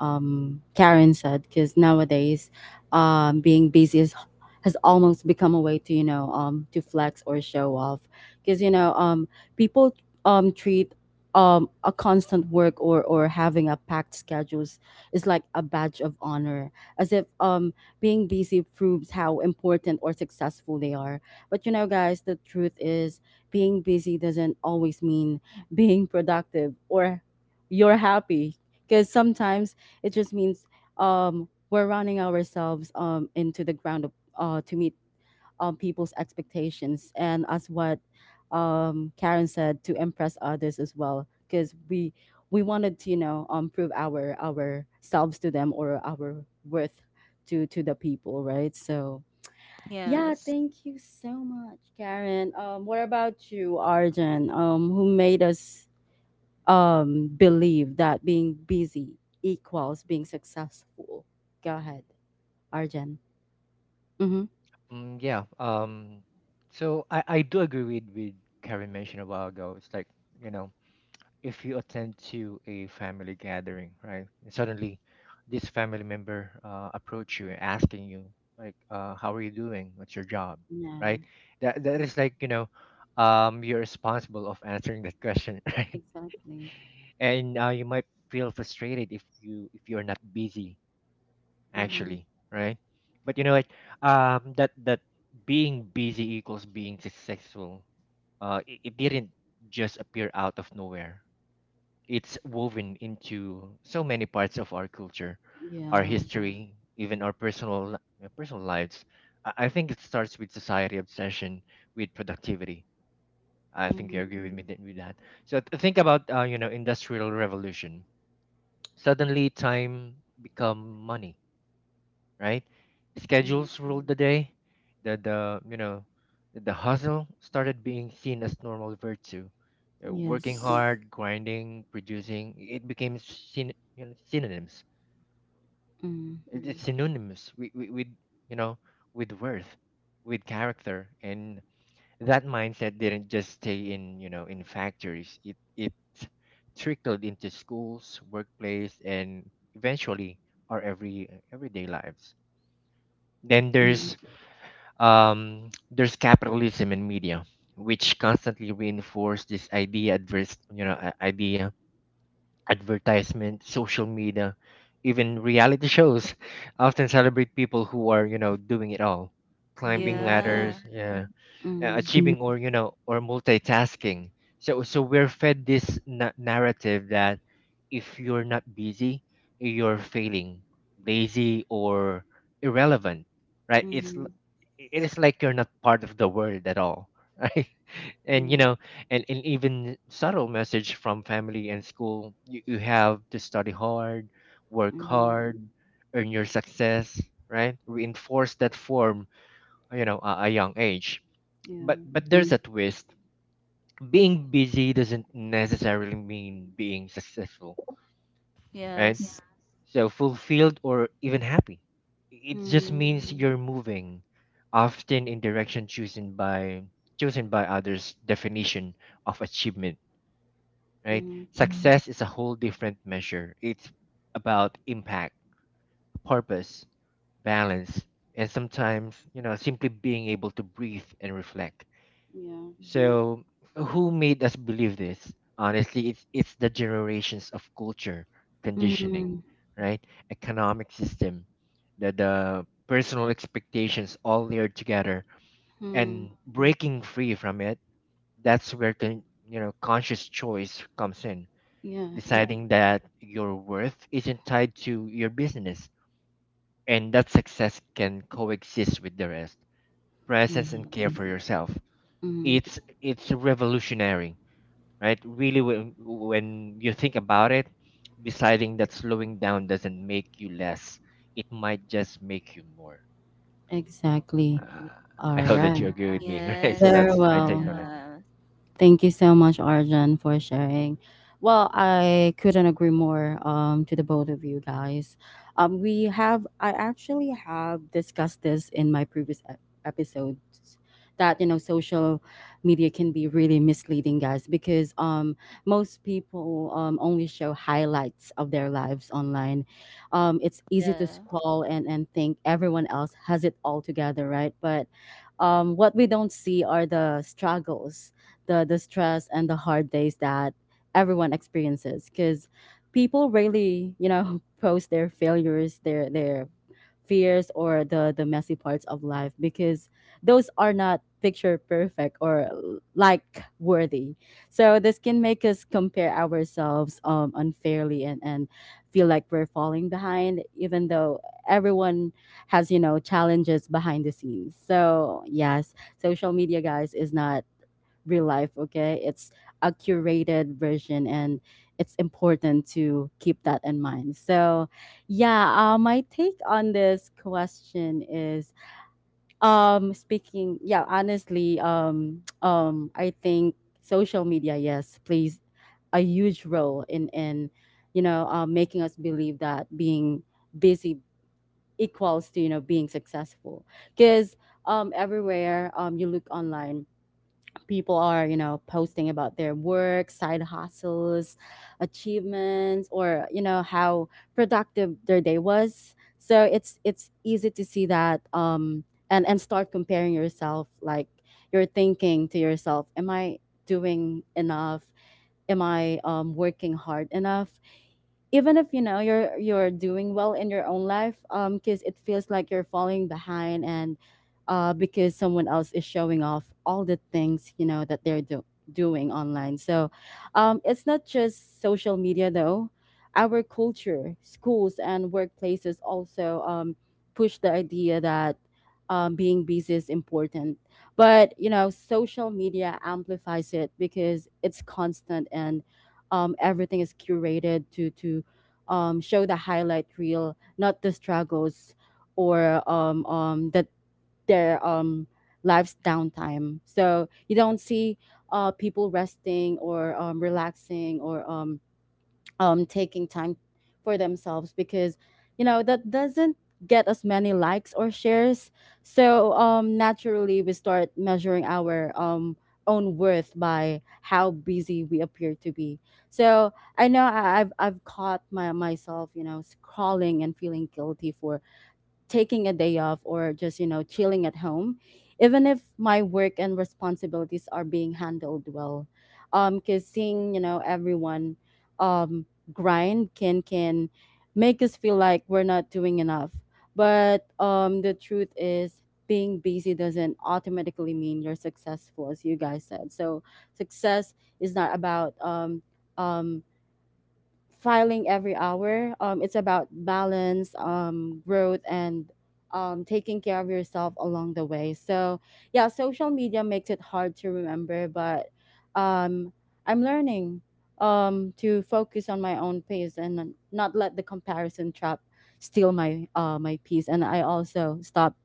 Speaker 1: Karen said, because nowadays, being busy has almost become a way to, to flex or show off, because people treat a constant work or having a packed schedules is like a badge of honor, as if being busy proves how important or successful they are. But you know, guys, the truth is being busy doesn't always mean being productive or you're happy, because sometimes it just means we're running ourselves into the ground to meet people's expectations. And as what Karen said, to impress others as well, because we wanted to, prove our selves to them, or our worth to the people, right? So. Yeah,
Speaker 2: Yes.
Speaker 1: thank you so much, Karen. What about you, Arjun? Who made us believe that being busy equals being successful? Go ahead, Arjan. Mm-hmm.
Speaker 3: Mm, yeah. So I do agree with Karen mentioned a while ago. It's like, you know, if you attend to a family gathering, right? And suddenly, this family member approach you and asking you, like, "How are you doing? What's your job?"
Speaker 1: Yeah,
Speaker 3: Right? That that is like, you know, you're responsible of answering that question, right?
Speaker 1: exactly.
Speaker 3: And you might feel frustrated if you're not busy
Speaker 1: Mm-hmm.
Speaker 3: actually, right? But you know what? That being busy equals being successful. It didn't just appear out of nowhere. It's woven into so many parts of our culture, our
Speaker 1: Yeah.
Speaker 3: history, even our personal lives. I think it starts with society obsession with productivity. I think
Speaker 1: Mm-hmm.
Speaker 3: you agree with me, Mm, with that. So think about, industrial revolution. Suddenly, time become money, right?
Speaker 1: Mm-hmm.
Speaker 3: Schedules ruled the day. The you know the hustle started being seen as normal virtue. Working
Speaker 1: Yes.
Speaker 3: hard, grinding, producing, it became synonyms.
Speaker 1: Mm-hmm.
Speaker 3: It's, Mm-hmm, synonymous with, with, you know with worth, with character. And that mindset didn't just stay in, in factories. It trickled into schools, workplace, and eventually our everyday lives. Then
Speaker 1: Mm-hmm.
Speaker 3: there's capitalism in media, which constantly reinforce this idea, adverse, you know, a- idea, advertisement, social media, even reality shows, often celebrate people who are, you know, doing it all, climbing, Mm,
Speaker 2: Yeah.
Speaker 3: ladders, yeah, Mm,
Speaker 1: Mm-hmm.
Speaker 3: achieving, or or multitasking. So we're fed this narrative that if you're not busy, you're failing, lazy, or irrelevant, right? it's
Speaker 1: Mm-hmm.
Speaker 3: l- it is like you're not part of the world at all, right? And you
Speaker 1: Yeah.
Speaker 3: know, and even subtle message from family and school, you have to study hard, work
Speaker 1: Mm-hmm.
Speaker 3: hard, earn your success, right? Reinforce that form, you know, a young age. but
Speaker 1: Yeah.
Speaker 3: but there's a twist. Being busy doesn't necessarily mean being successful, right?
Speaker 2: Yes.
Speaker 3: So fulfilled or even happy. It just
Speaker 1: Mm-hmm.
Speaker 3: means you're moving, often in direction chosen by others' definition of achievement, right?
Speaker 1: Mm-hmm.
Speaker 3: Mm. Success is a whole different measure. It's about impact, purpose, balance, and sometimes, you know, simply being able to breathe and reflect.
Speaker 1: Yeah.
Speaker 3: So who made us believe this? Honestly, it's the generations of culture, conditioning,
Speaker 1: Mm-hmm.
Speaker 3: right? Economic system, the personal expectations, all layered together. And breaking free from it, that's where conscious choice comes in. Yeah.
Speaker 1: Yeah.
Speaker 3: Deciding that your worth isn't tied to your business, and that success can coexist with the rest. Presence and care for
Speaker 1: Yes.
Speaker 3: yourself.
Speaker 1: Mm-hmm.
Speaker 3: It's revolutionary, right? Really, when you think about it, deciding that slowing down doesn't make you less, it might just make you more.
Speaker 1: Exactly.
Speaker 3: Uh, I
Speaker 1: All
Speaker 3: hope that you
Speaker 1: right.
Speaker 3: agree with me, right? So
Speaker 2: Yes.
Speaker 1: Very
Speaker 3: that's my take
Speaker 1: well.
Speaker 3: on it.
Speaker 2: Yes.
Speaker 1: Thank you so much, Arjun, for sharing. Well, I couldn't agree more, to the both of you guys. We have, I actually have discussed this in my previous episodes that, you know, social media can be really misleading, guys, because most people only show highlights of their lives online. It's easy to
Speaker 2: Yeah.
Speaker 1: scroll and think everyone else has it all together, right? But what we don't see are the struggles, the stress, and the hard days that everyone experiences, because people really, post their failures, their fears, or the messy parts of life, because those are not picture perfect or like worthy. So this can make us compare ourselves unfairly, and feel like we're falling behind, even though everyone has, challenges behind the scenes. So yes, social media, guys, is not real life, okay? It's a curated version, and it's important to keep that in mind. So yeah, my take on this question is, speaking yeah honestly I think social media, yes, plays a huge role in, in making us believe that being busy equals to, being successful, because everywhere you look online, people are, posting about their work, side hustles, achievements, or how productive their day was. So it's easy to see that, and start comparing yourself, like you're thinking to yourself, am I doing enough? Am I, working hard enough, even if, you're doing well in your own life, because it feels like you're falling behind, and because someone else is showing off all the things, that they're doing online. So it's not just social media, though. Our culture, schools, and workplaces also push the idea that being busy is important. But social media amplifies it because it's constant, and everything is curated to show the highlight reel, not the struggles, or the, their life's downtime. So you don't see people resting, or relaxing, or taking time for themselves, because that doesn't get as many likes or shares. So naturally we start measuring our own worth by how busy we appear to be. So I know I've caught my myself, scrolling and feeling guilty for taking a day off, or just, chilling at home, even if my work and responsibilities are being handled well, because seeing, everyone um grind can make us feel like we're not doing enough. But the truth is being busy doesn't automatically mean you're successful, as you guys said. So success is not about um filing every hour. It's about balance, growth, and taking care of yourself along the way. So yeah, social media makes it hard to remember, but um, I'm learning, to focus on my own pace and not let the comparison trap steal my my peace. And I also stopped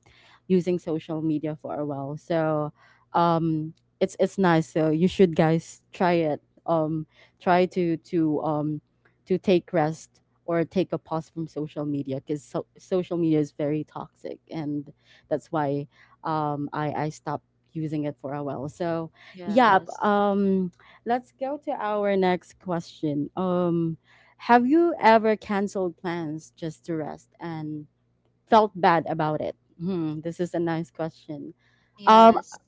Speaker 1: using social media for a while. So, um, it's nice. So you should, guys, try it. Um, try to to um to take rest or take a pause from social media because social media is very toxic, and that's why I stopped using it for a while, so yeah.
Speaker 2: Yes.
Speaker 1: Let's go to our next question. Have you ever canceled plans just to rest and felt bad about it? Hmm, this is a nice question. um,
Speaker 2: Yes.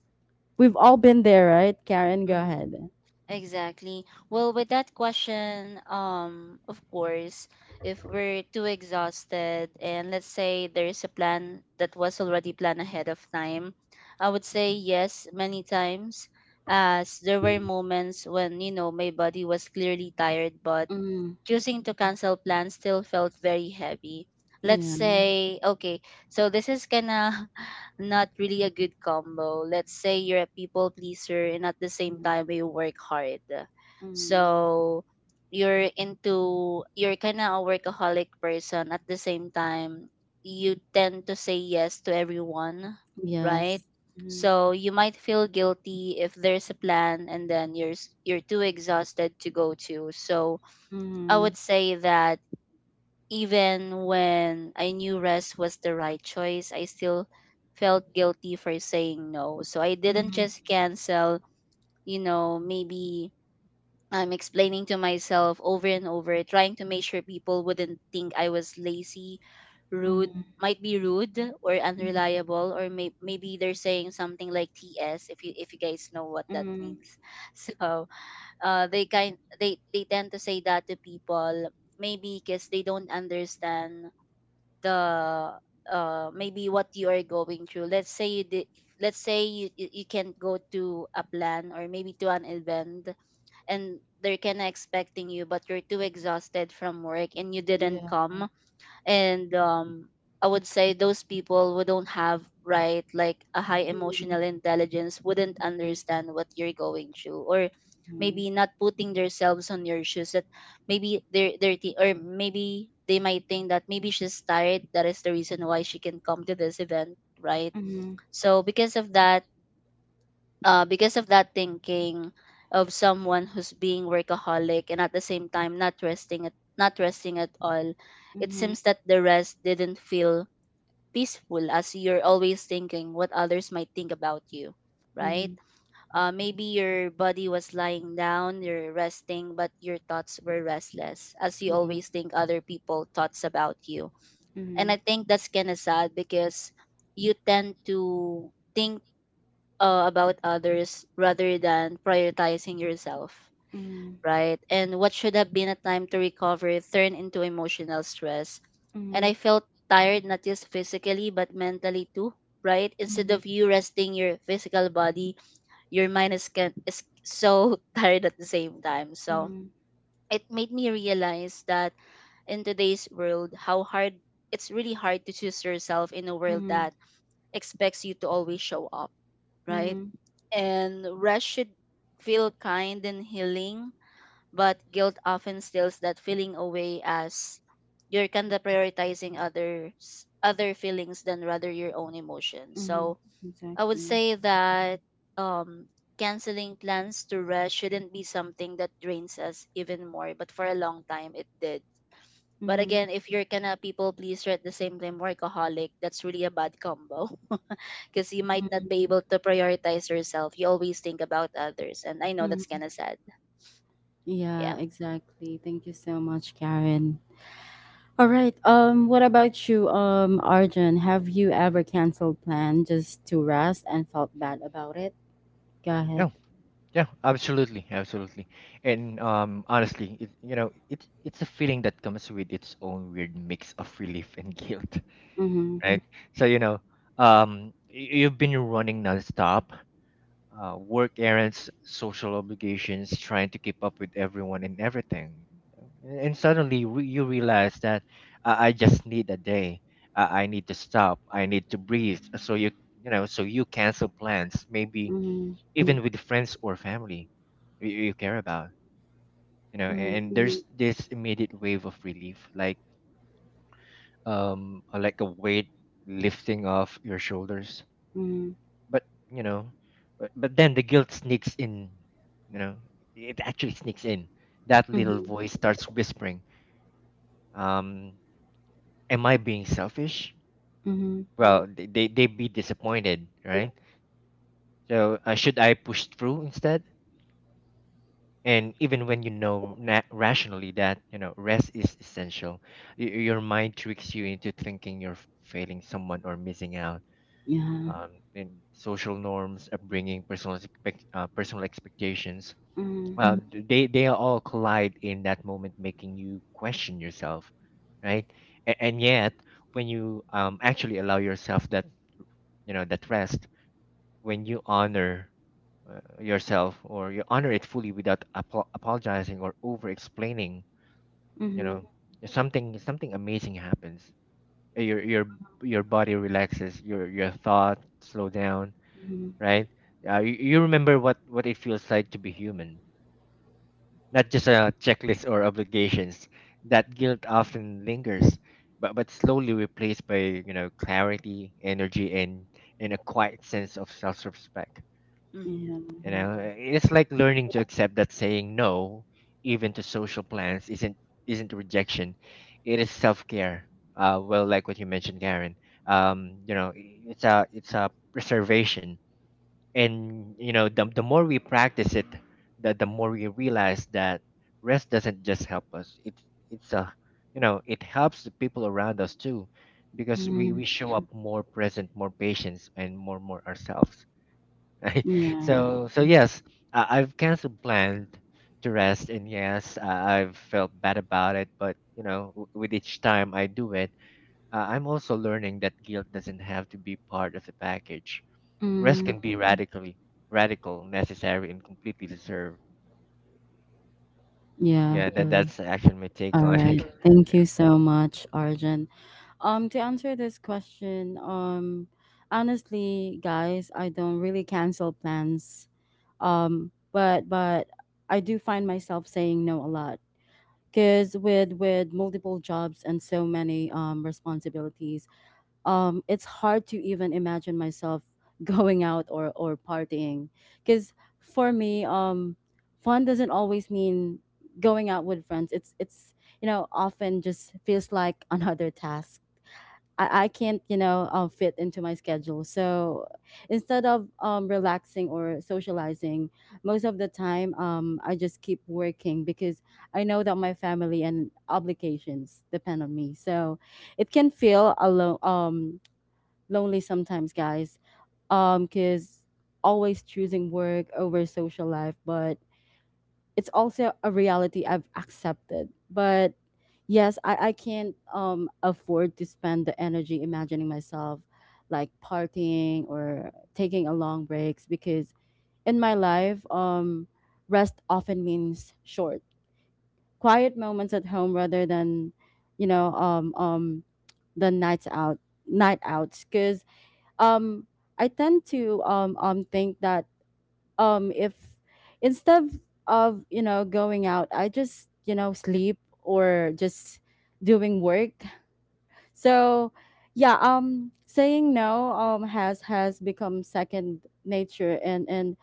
Speaker 1: we've all been there, right? Karen, go
Speaker 2: Mm,
Speaker 1: ahead.
Speaker 2: exactly. Well, with that question, of course, if we're too exhausted and let's say there's a plan that was already planned ahead of time, I would say yes many times, as there were moments when, you know, my body was clearly tired, but
Speaker 1: Mm,
Speaker 2: choosing to cancel plans still felt very heavy. Let's
Speaker 1: yeah,
Speaker 2: say, okay, so this is kinda not really a good combo. Let's say you're a people pleaser and at the same
Speaker 1: yeah.
Speaker 2: time you work hard.
Speaker 1: Mm,
Speaker 2: So you're into you're kinda a workaholic person at the same time you tend to say yes to everyone, right?
Speaker 1: yes.
Speaker 2: So you might feel guilty if there's a plan and then you're too exhausted to go to. So I
Speaker 1: Mhm,
Speaker 2: would say that even when I knew rest was the right choice, I still felt guilty for saying no. So I didn't
Speaker 1: mhm,
Speaker 2: just cancel, you know, maybe I'm explaining to myself over and over, trying to make sure people wouldn't think I was lazy, rude,
Speaker 1: mhm,
Speaker 2: might be rude or
Speaker 1: mhm,
Speaker 2: unreliable, or maybe they're saying something like TS if you guys know what that
Speaker 1: mhm.
Speaker 2: means. So they tend to say that to people maybe because they don't understand the maybe what you are going through. Let's say you did, let's say you can't go to a plan or maybe to an event and they're kind of expecting you, but you're too exhausted from work and you didn't
Speaker 1: Yeah.
Speaker 2: come. And I would say those people who don't have right like a high
Speaker 1: Mhm,
Speaker 2: emotional intelligence wouldn't understand what you're going through, or
Speaker 1: mhm,
Speaker 2: maybe not putting themselves on your shoes, that maybe they're dirty or maybe they might think that maybe she's tired, that is the reason why she can come to this event, right?
Speaker 1: mhm,
Speaker 2: So because of that, because of that thinking of someone who's being workaholic and at the same time not resting at all,
Speaker 1: mhm,
Speaker 2: it
Speaker 1: mhm,
Speaker 2: seems that the rest didn't feel peaceful as you're always thinking what others might think about you, right?
Speaker 1: mhm.
Speaker 2: Maybe your body was lying down, you're resting, but your thoughts were restless as you
Speaker 1: Yeah.
Speaker 2: always think other people thoughts about you. And I think that's kind of sad because you tend to think about others rather than prioritizing yourself,
Speaker 1: Mhm,
Speaker 2: right? And what should have been a time to recover turned into emotional stress. And I
Speaker 1: mhm,
Speaker 2: felt tired, not just physically, but mentally too, right? Instead
Speaker 1: mhm,
Speaker 2: of you resting your physical body, your mind is so tired at the same time. So
Speaker 1: mhm,
Speaker 2: it made me realize that in today's world, how hard it's really hard to choose yourself in a world
Speaker 1: mhm,
Speaker 2: that expects you to always show up,
Speaker 1: mhm,
Speaker 2: right?
Speaker 1: mhm,
Speaker 2: And rest should feel kind and healing, but guilt often steals that feeling away as you're kind of prioritizing others other feelings than rather your own emotions.
Speaker 1: mhm.
Speaker 2: So I would
Speaker 1: Exactly.
Speaker 2: say that um canceling plans to rest shouldn't be something that drains us even more, but for a long time it did. But
Speaker 1: Mhm,
Speaker 2: again, if you're kind of people pleaser at the same time workaholic, that's really a bad combo. Because you might not
Speaker 1: mhm,
Speaker 2: be able to prioritize yourself. You always think about others, and I know that's
Speaker 1: mhm.
Speaker 2: kind of sad.
Speaker 1: Yeah,
Speaker 2: Yeah.
Speaker 1: exactly. Thank you so much, Karen. All right. What about you, Arjun? Have you ever canceled plan just to rest and felt bad about it? Go ahead.
Speaker 3: Yeah, absolutely. And honestly, you know, it it's a feeling that comes with its own weird mix of relief and guilt,
Speaker 1: Mm-hmm.
Speaker 3: right? So you know, you've been running nonstop, work errands, social obligations, trying to keep up with everyone and everything. And suddenly you realize that I just need a day. I need to stop. I need to breathe. So you cancel plans, maybe
Speaker 1: Mm-hmm.
Speaker 3: even with friends or family you care about. You know, and there's this immediate wave of relief, like a weight lifting off your shoulders,
Speaker 1: Mm-hmm.
Speaker 3: but you know but then the guilt sneaks in, you know it actually sneaks in. That little
Speaker 1: Mhm,
Speaker 3: voice starts whispering, um am I being selfish?
Speaker 1: mhm,
Speaker 3: Well, they they'd be disappointed, right? So should I push through instead? And even when rationally that you know rest is essential, your mind tricks you into thinking you're failing someone or missing out.
Speaker 1: yeah,
Speaker 3: In social norms, upbringing, personal personal expectations,
Speaker 1: mhm,
Speaker 3: they all collide in that moment, making you question yourself, right? And yet, when you actually allow yourself that, that rest, when you honor yourself, or you honor it fully without apologizing or over explaining, you
Speaker 1: mhm,
Speaker 3: know something amazing happens. Your your body relaxes, your thoughts slow down,
Speaker 1: mhm,
Speaker 3: right? You remember what it feels like to be human, not just a checklist or obligations. That guilt often lingers, but slowly replaced by clarity, energy, and a quiet sense of self-respect.
Speaker 2: Mm-hmm.
Speaker 1: yeah,
Speaker 3: You know, it's like learning to accept that saying no, even to social plans, isn't rejection. It is self-care. Well, like what you mentioned, Karen. You know, it's a preservation, and the more we practice it, the more we realize that rest doesn't just help us. It's a it helps the people around us too, because we
Speaker 1: mhm,
Speaker 3: we show up more present, more patient, and more ourselves, right?
Speaker 1: yeah,
Speaker 3: So yes, I've canceled plans to rest, and yes, I've felt bad about it. But you know, with each time I do it, I'm also learning that guilt doesn't have to be part of the package. Rest
Speaker 1: mhm,
Speaker 3: can be radical, necessary, and completely deserved.
Speaker 1: yeah.
Speaker 3: Yeah, that that's actually my take
Speaker 1: All
Speaker 3: on
Speaker 1: right.
Speaker 3: it.
Speaker 1: Thank
Speaker 3: Yeah.
Speaker 1: you so much, Arjun. To answer this question, honestly, guys, I don't really cancel plans. But I do find myself saying no a lot because with multiple jobs and so many responsibilities, it's hard to even imagine myself going out or partying. Because for me, fun doesn't always mean going out with friends. It's you know often just feels like another task. I can't you know fit into my schedule. So instead of relaxing or socializing, most of the time I just keep working because I know that my family and obligations depend on me. So it can feel alone. Lonely sometimes, guys. Cause always choosing work over social life, but it's also a reality I've accepted. But yes, I can't afford to spend the energy imagining myself like partying or taking a long breaks because in my life, rest often means short, quiet moments at home rather than, you know, the night outs. Because um I tend to think that if instead of you know going out I just you know sleep or just doing work. So yeah, saying no has become second nature, and and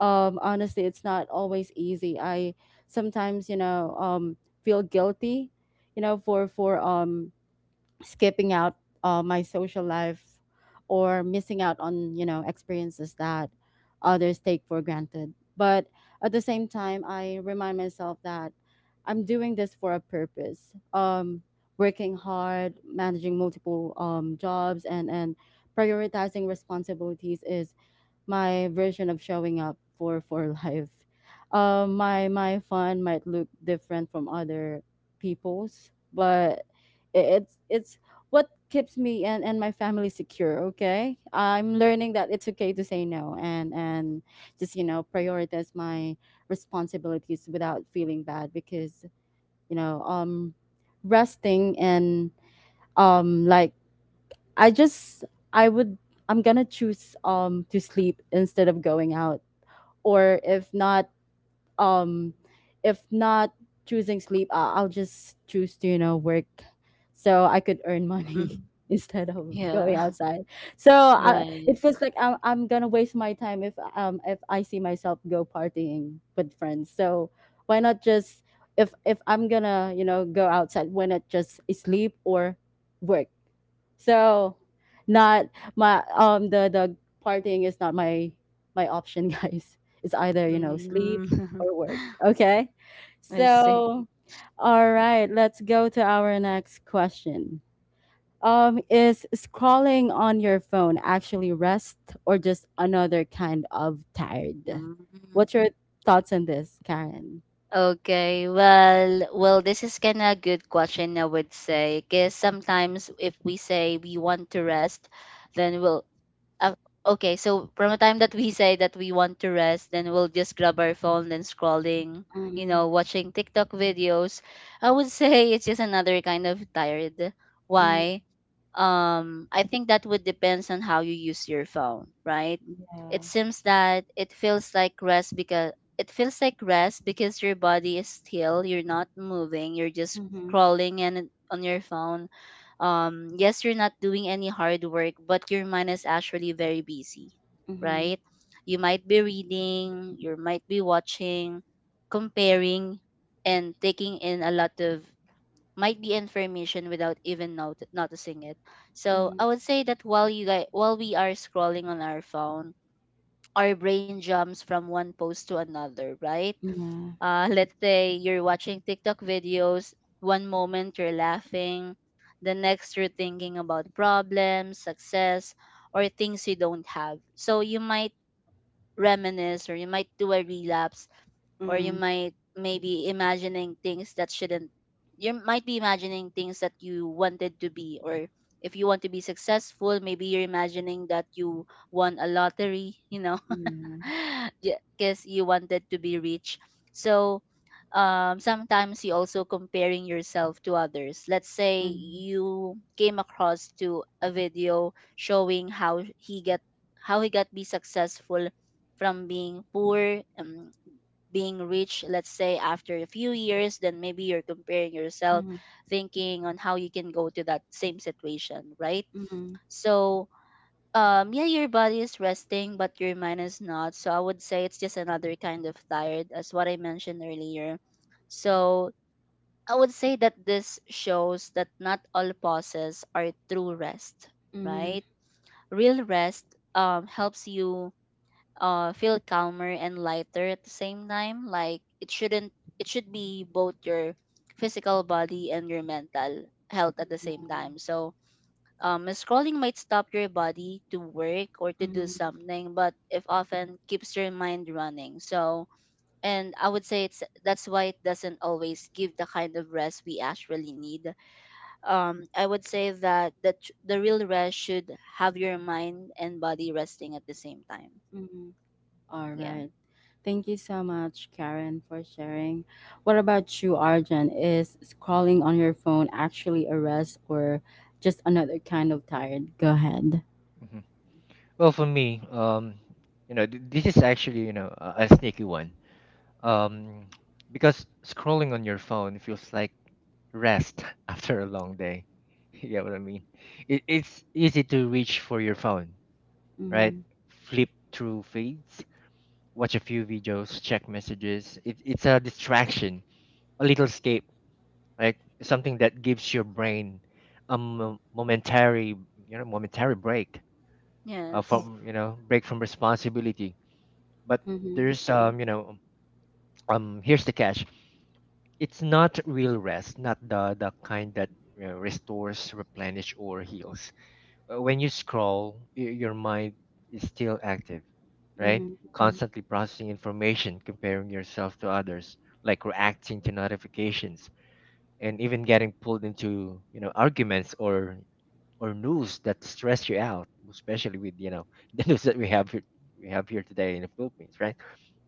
Speaker 1: um honestly it's not always easy. I sometimes you know feel guilty, you know, for skipping out my social life or missing out on you know experiences that others take for granted, but at the same time I remind myself that I'm doing this for a purpose. Working hard, managing multiple jobs, and prioritizing responsibilities is my version of showing up for life. My fun might look different from other people's, but it's what keeps me and my family secure. Okay, I'm learning that it's okay to say no and just you know prioritize my responsibilities without feeling bad because you know resting and um like I just I would I'm gonna choose to sleep instead of going out, or if not, um if not choosing sleep, I'll just choose to you know work so I could earn
Speaker 2: Hmm.
Speaker 1: money instead of going
Speaker 2: Yeah.
Speaker 1: outside. So I,
Speaker 2: Right.
Speaker 1: it feels like I'm gonna waste my time if I see myself go partying with friends. So why not just, if I'm gonna you know go outside, why not just sleep or work? So not my the partying is not my option, guys. It's either, you know,
Speaker 2: Mm.
Speaker 1: sleep or work. Okay?
Speaker 2: I see.
Speaker 1: So all right, let's go to our next question. Is scrolling on your phone actually rest or just another kind of tired?
Speaker 2: Mm.
Speaker 1: What's your thoughts on this, Karen?
Speaker 2: Okay, well, well, this is kind of a good question, I would say, because sometimes if we say we want to rest, then we'll Uh, okay, so from the time that we say that we want to rest, then we'll just grab our phone and scrolling, you
Speaker 1: Mm,
Speaker 2: know, watching TikTok videos. I would say it's just another kind of tired.
Speaker 1: mm,
Speaker 2: Why? I think that would depends on how you use your phone, right? It
Speaker 1: yeah.
Speaker 2: seems that it feels like rest because your body is still, you're not moving, you're just
Speaker 1: Mm-hmm.
Speaker 2: scrolling and on your phone. Yes, you're not doing any hard work, but your mind is actually very busy,
Speaker 1: Mm-hmm.
Speaker 2: right? You might be reading, you might be watching, comparing, and taking in a lot of might be information without even not- noticing it. So
Speaker 1: Mm-hmm.
Speaker 2: I would say that while you guys while we are scrolling on our phone, our brain jumps from one post to another, right?
Speaker 1: Yeah.
Speaker 2: Let's say you're watching TikTok videos, one moment you're laughing, the next you're thinking about problems, success, or things you don't have. So you might reminisce or you might do a relapse, or you
Speaker 1: Mm,
Speaker 2: might maybe imagining things that shouldn't, you might be imagining things that you wanted to be, or if you want to be successful, maybe you're imagining that you won a lottery, you know.
Speaker 1: yeah.
Speaker 2: Because you wanted to be rich. So sometimes you also comparing yourself to others. Let's say
Speaker 1: Mm.
Speaker 2: you came across to a video showing how he got be successful from being poor, being rich, let's say after a few years, then maybe you're comparing yourself,
Speaker 1: Mhm,
Speaker 2: thinking on how you can go to that same situation, right?
Speaker 1: mhm,
Speaker 2: So yeah, your body is resting but your mind is not, so I would say it's just another kind of tired as what I mentioned earlier. So I would say that this shows that not all pauses are true rest,
Speaker 1: mhm,
Speaker 2: right? Real rest helps you feel calmer and lighter at the same time. Like it shouldn't, it should be both your physical body and your mental health at the same time. So scrolling might stop your body to work or to do
Speaker 1: mhm,
Speaker 2: something, but if often keeps your mind running. So, and I would say it's that's why it doesn't always give the kind of rest we actually need. I would say that the real rest should have your mind and body resting at the same time.
Speaker 1: mhm. All
Speaker 2: Yeah.
Speaker 1: right. Thank you so much, Karen, for sharing. What about you, Arjan? Is scrolling on your phone actually a rest or just another kind of tired? Go ahead.
Speaker 3: Mhm. Well, for me, you know, this is actually a sneaky one, um, because scrolling on your phone feels like rest after a long day. You get what I mean? It's easy to reach for your phone, right?
Speaker 1: Mhm,
Speaker 3: Flip through feeds, watch a few videos, check messages. It's a distraction, a little escape, like something that gives your brain a momentary, momentary break
Speaker 2: Yes.
Speaker 3: from break from responsibility. But
Speaker 1: mhm,
Speaker 3: there's here's the catch: it's not real rest, not the kind that, you know, restores, replenish, or heals. When you scroll, your mind is still active, right?
Speaker 1: mhm.
Speaker 3: Mhm. Constantly processing information, comparing yourself to others, like reacting to notifications, and even getting pulled into, you know, arguments or news that stress you out, especially with, you know, the news that we have here, we have here today in the Philippines, right?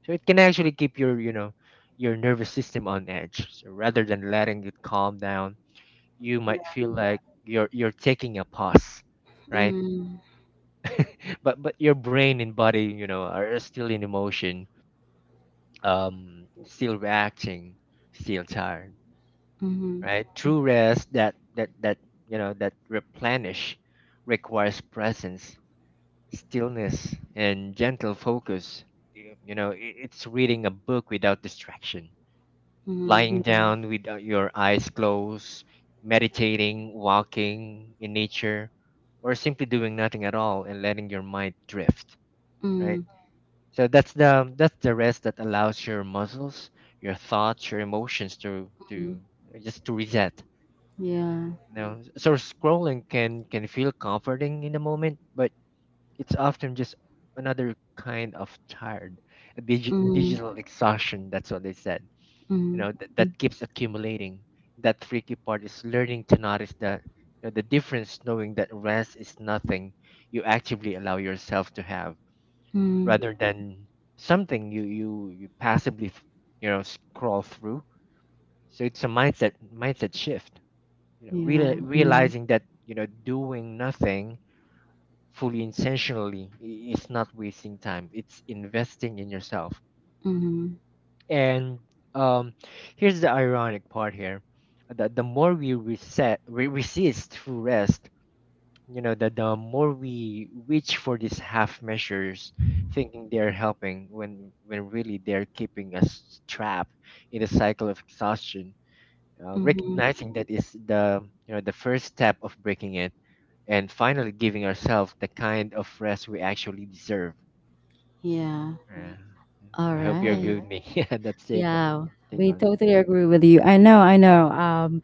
Speaker 3: So it can actually keep your, you know, your nervous system on edge, so rather than letting it calm down, you
Speaker 1: Yeah.
Speaker 3: might feel like you're taking a pause, right?
Speaker 1: Mhm,
Speaker 3: But your brain and body, you know, are still in emotion, still reacting, still tired,
Speaker 1: mhm,
Speaker 3: right? True rest, that that that replenish, requires presence, stillness, and gentle focus. You know, it's reading a book without distraction,
Speaker 1: mhm,
Speaker 3: lying down with your eyes closed, meditating, walking in nature, or simply doing nothing at all and letting your mind drift, right?
Speaker 1: mhm,
Speaker 3: So that's the rest that allows your muscles, your thoughts, your emotions to
Speaker 1: mhm.
Speaker 3: just to reset.
Speaker 1: Yeah.
Speaker 3: No, so scrolling can feel comforting in the moment, but it's often just another kind of tired, a
Speaker 1: Mhm,
Speaker 3: digital exhaustion. That's what they said. You
Speaker 1: mhm,
Speaker 3: know, that keeps accumulating. That tricky part is learning to notice that you know, the difference, knowing that rest is nothing you actively allow yourself to have,
Speaker 1: mhm.
Speaker 3: rather than something you you passively, you know, scroll through. So it's a mindset shift, you know, real
Speaker 1: Yeah.
Speaker 3: Mm. realizing that, you know, doing nothing fully intentionally is not wasting time, it's investing in yourself.
Speaker 1: Mhm,
Speaker 3: And um, here's the ironic part here: that the more we reset resist through rest, you know, that the more we reach for these half measures, thinking they're helping when really they're keeping us trapped in a cycle of exhaustion. Uh,
Speaker 1: mhm.
Speaker 3: recognizing that is the, you know, the first step of breaking it, and finally giving ourselves the kind of rest we actually deserve.
Speaker 1: Yeah.
Speaker 3: Yeah.
Speaker 1: All
Speaker 3: I hope you
Speaker 1: right.
Speaker 3: agree with me. Yeah, that's take my
Speaker 1: Yeah,
Speaker 3: take
Speaker 1: we
Speaker 3: on it.
Speaker 1: totally agree with you. I know, I know.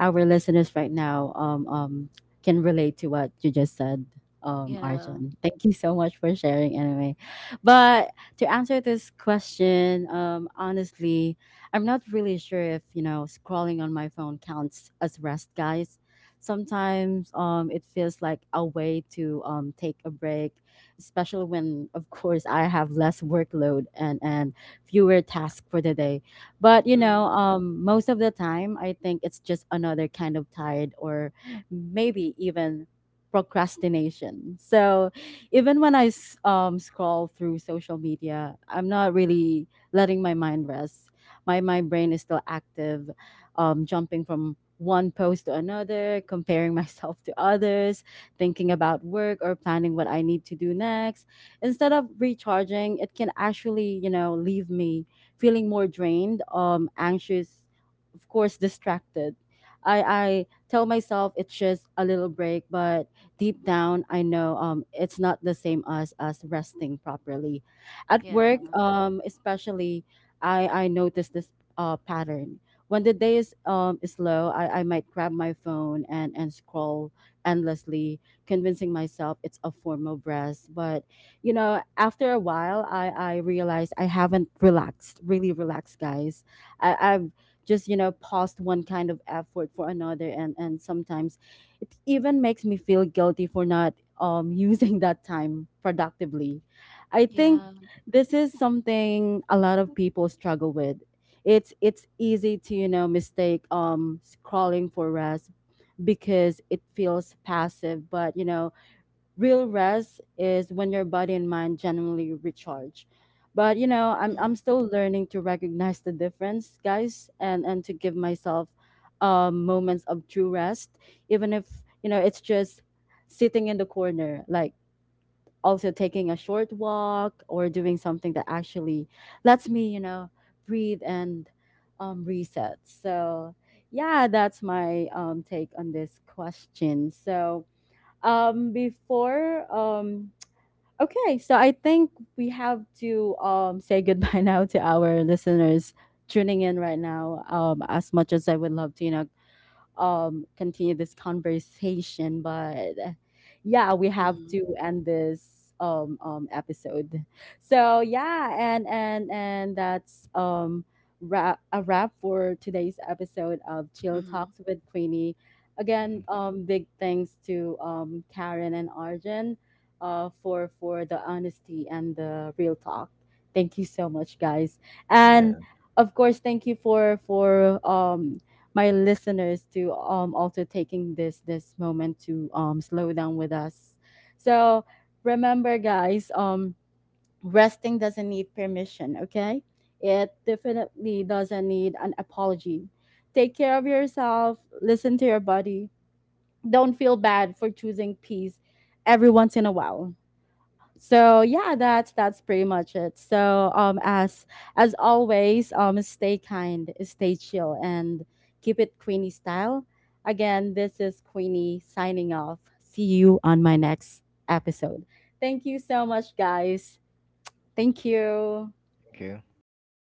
Speaker 1: Our listeners right now can relate to what you just said,
Speaker 2: Yeah.
Speaker 1: Arjun. Thank you so much for sharing anyway. But to answer this question, honestly, I'm not really sure if, you know, scrolling on my phone counts as rest, guys. Sometimes it feels like a way to take a break, especially when, of course, I have less workload and, fewer tasks for the day. But you
Speaker 2: Mm.
Speaker 1: know, most of the time, I think it's just another kind of tired or maybe even procrastination. So even when I scroll through social media, I'm not really letting my mind rest. My brain is still active, jumping from one post to another, comparing myself to others, thinking about work or planning what I need to do next. Instead of recharging, it can actually you know leave me feeling more drained, anxious, of course distracted. I tell myself it's just a little break, but deep down I know it's not the same as resting properly. At
Speaker 2: Yeah.
Speaker 1: work especially, I notice this pattern. When the day is low, I might grab my phone and scroll endlessly, convincing myself it's a form of rest. But you know, after a while, I realized I haven't relaxed, really relaxed, guys. I've just, you know, paused one kind of effort for another. And, sometimes it even makes me feel guilty for not using that time productively. I
Speaker 2: Yeah.
Speaker 1: think this is something a lot of people struggle with. It's easy to, you know, mistake scrolling for rest because it feels passive, but, you know, real rest is when your body and mind genuinely recharge. But you know I'm
Speaker 2: Mm-hmm.
Speaker 1: still learning to recognize the difference, guys, and to give myself moments of true rest, even if you know it's just sitting in the corner, like also taking a short walk or doing something that actually lets me you know breathe and reset. So yeah, that's my take on this question. So before okay, so I think we have to say goodbye now to our listeners tuning in right now. As much as I would love to you know continue this conversation. But yeah, we have
Speaker 2: Mm-hmm.
Speaker 1: to end this episode. So yeah, and that's a wrap for today's episode of Chill
Speaker 2: Mm-hmm.
Speaker 1: Talks with Queenie. Again,
Speaker 3: Mhm.
Speaker 1: big thanks to Karen and Arjun for the honesty and the real talk. Thank you so much, guys, and
Speaker 3: Yeah,
Speaker 1: of course, thank you for my listeners to also taking this this moment to slow down with us. So remember guys, resting doesn't need permission, okay? It definitely doesn't need an apology. Take care of yourself, listen to your body. Don't feel bad for choosing peace every once in a while. So yeah, that's pretty much it. So as always, stay kind, stay chill, and keep it Queenie style. Again, this is Queenie signing off. See you on my next episode. Thank you so much, guys. Thank you.
Speaker 3: thank you.
Speaker 2: Bye.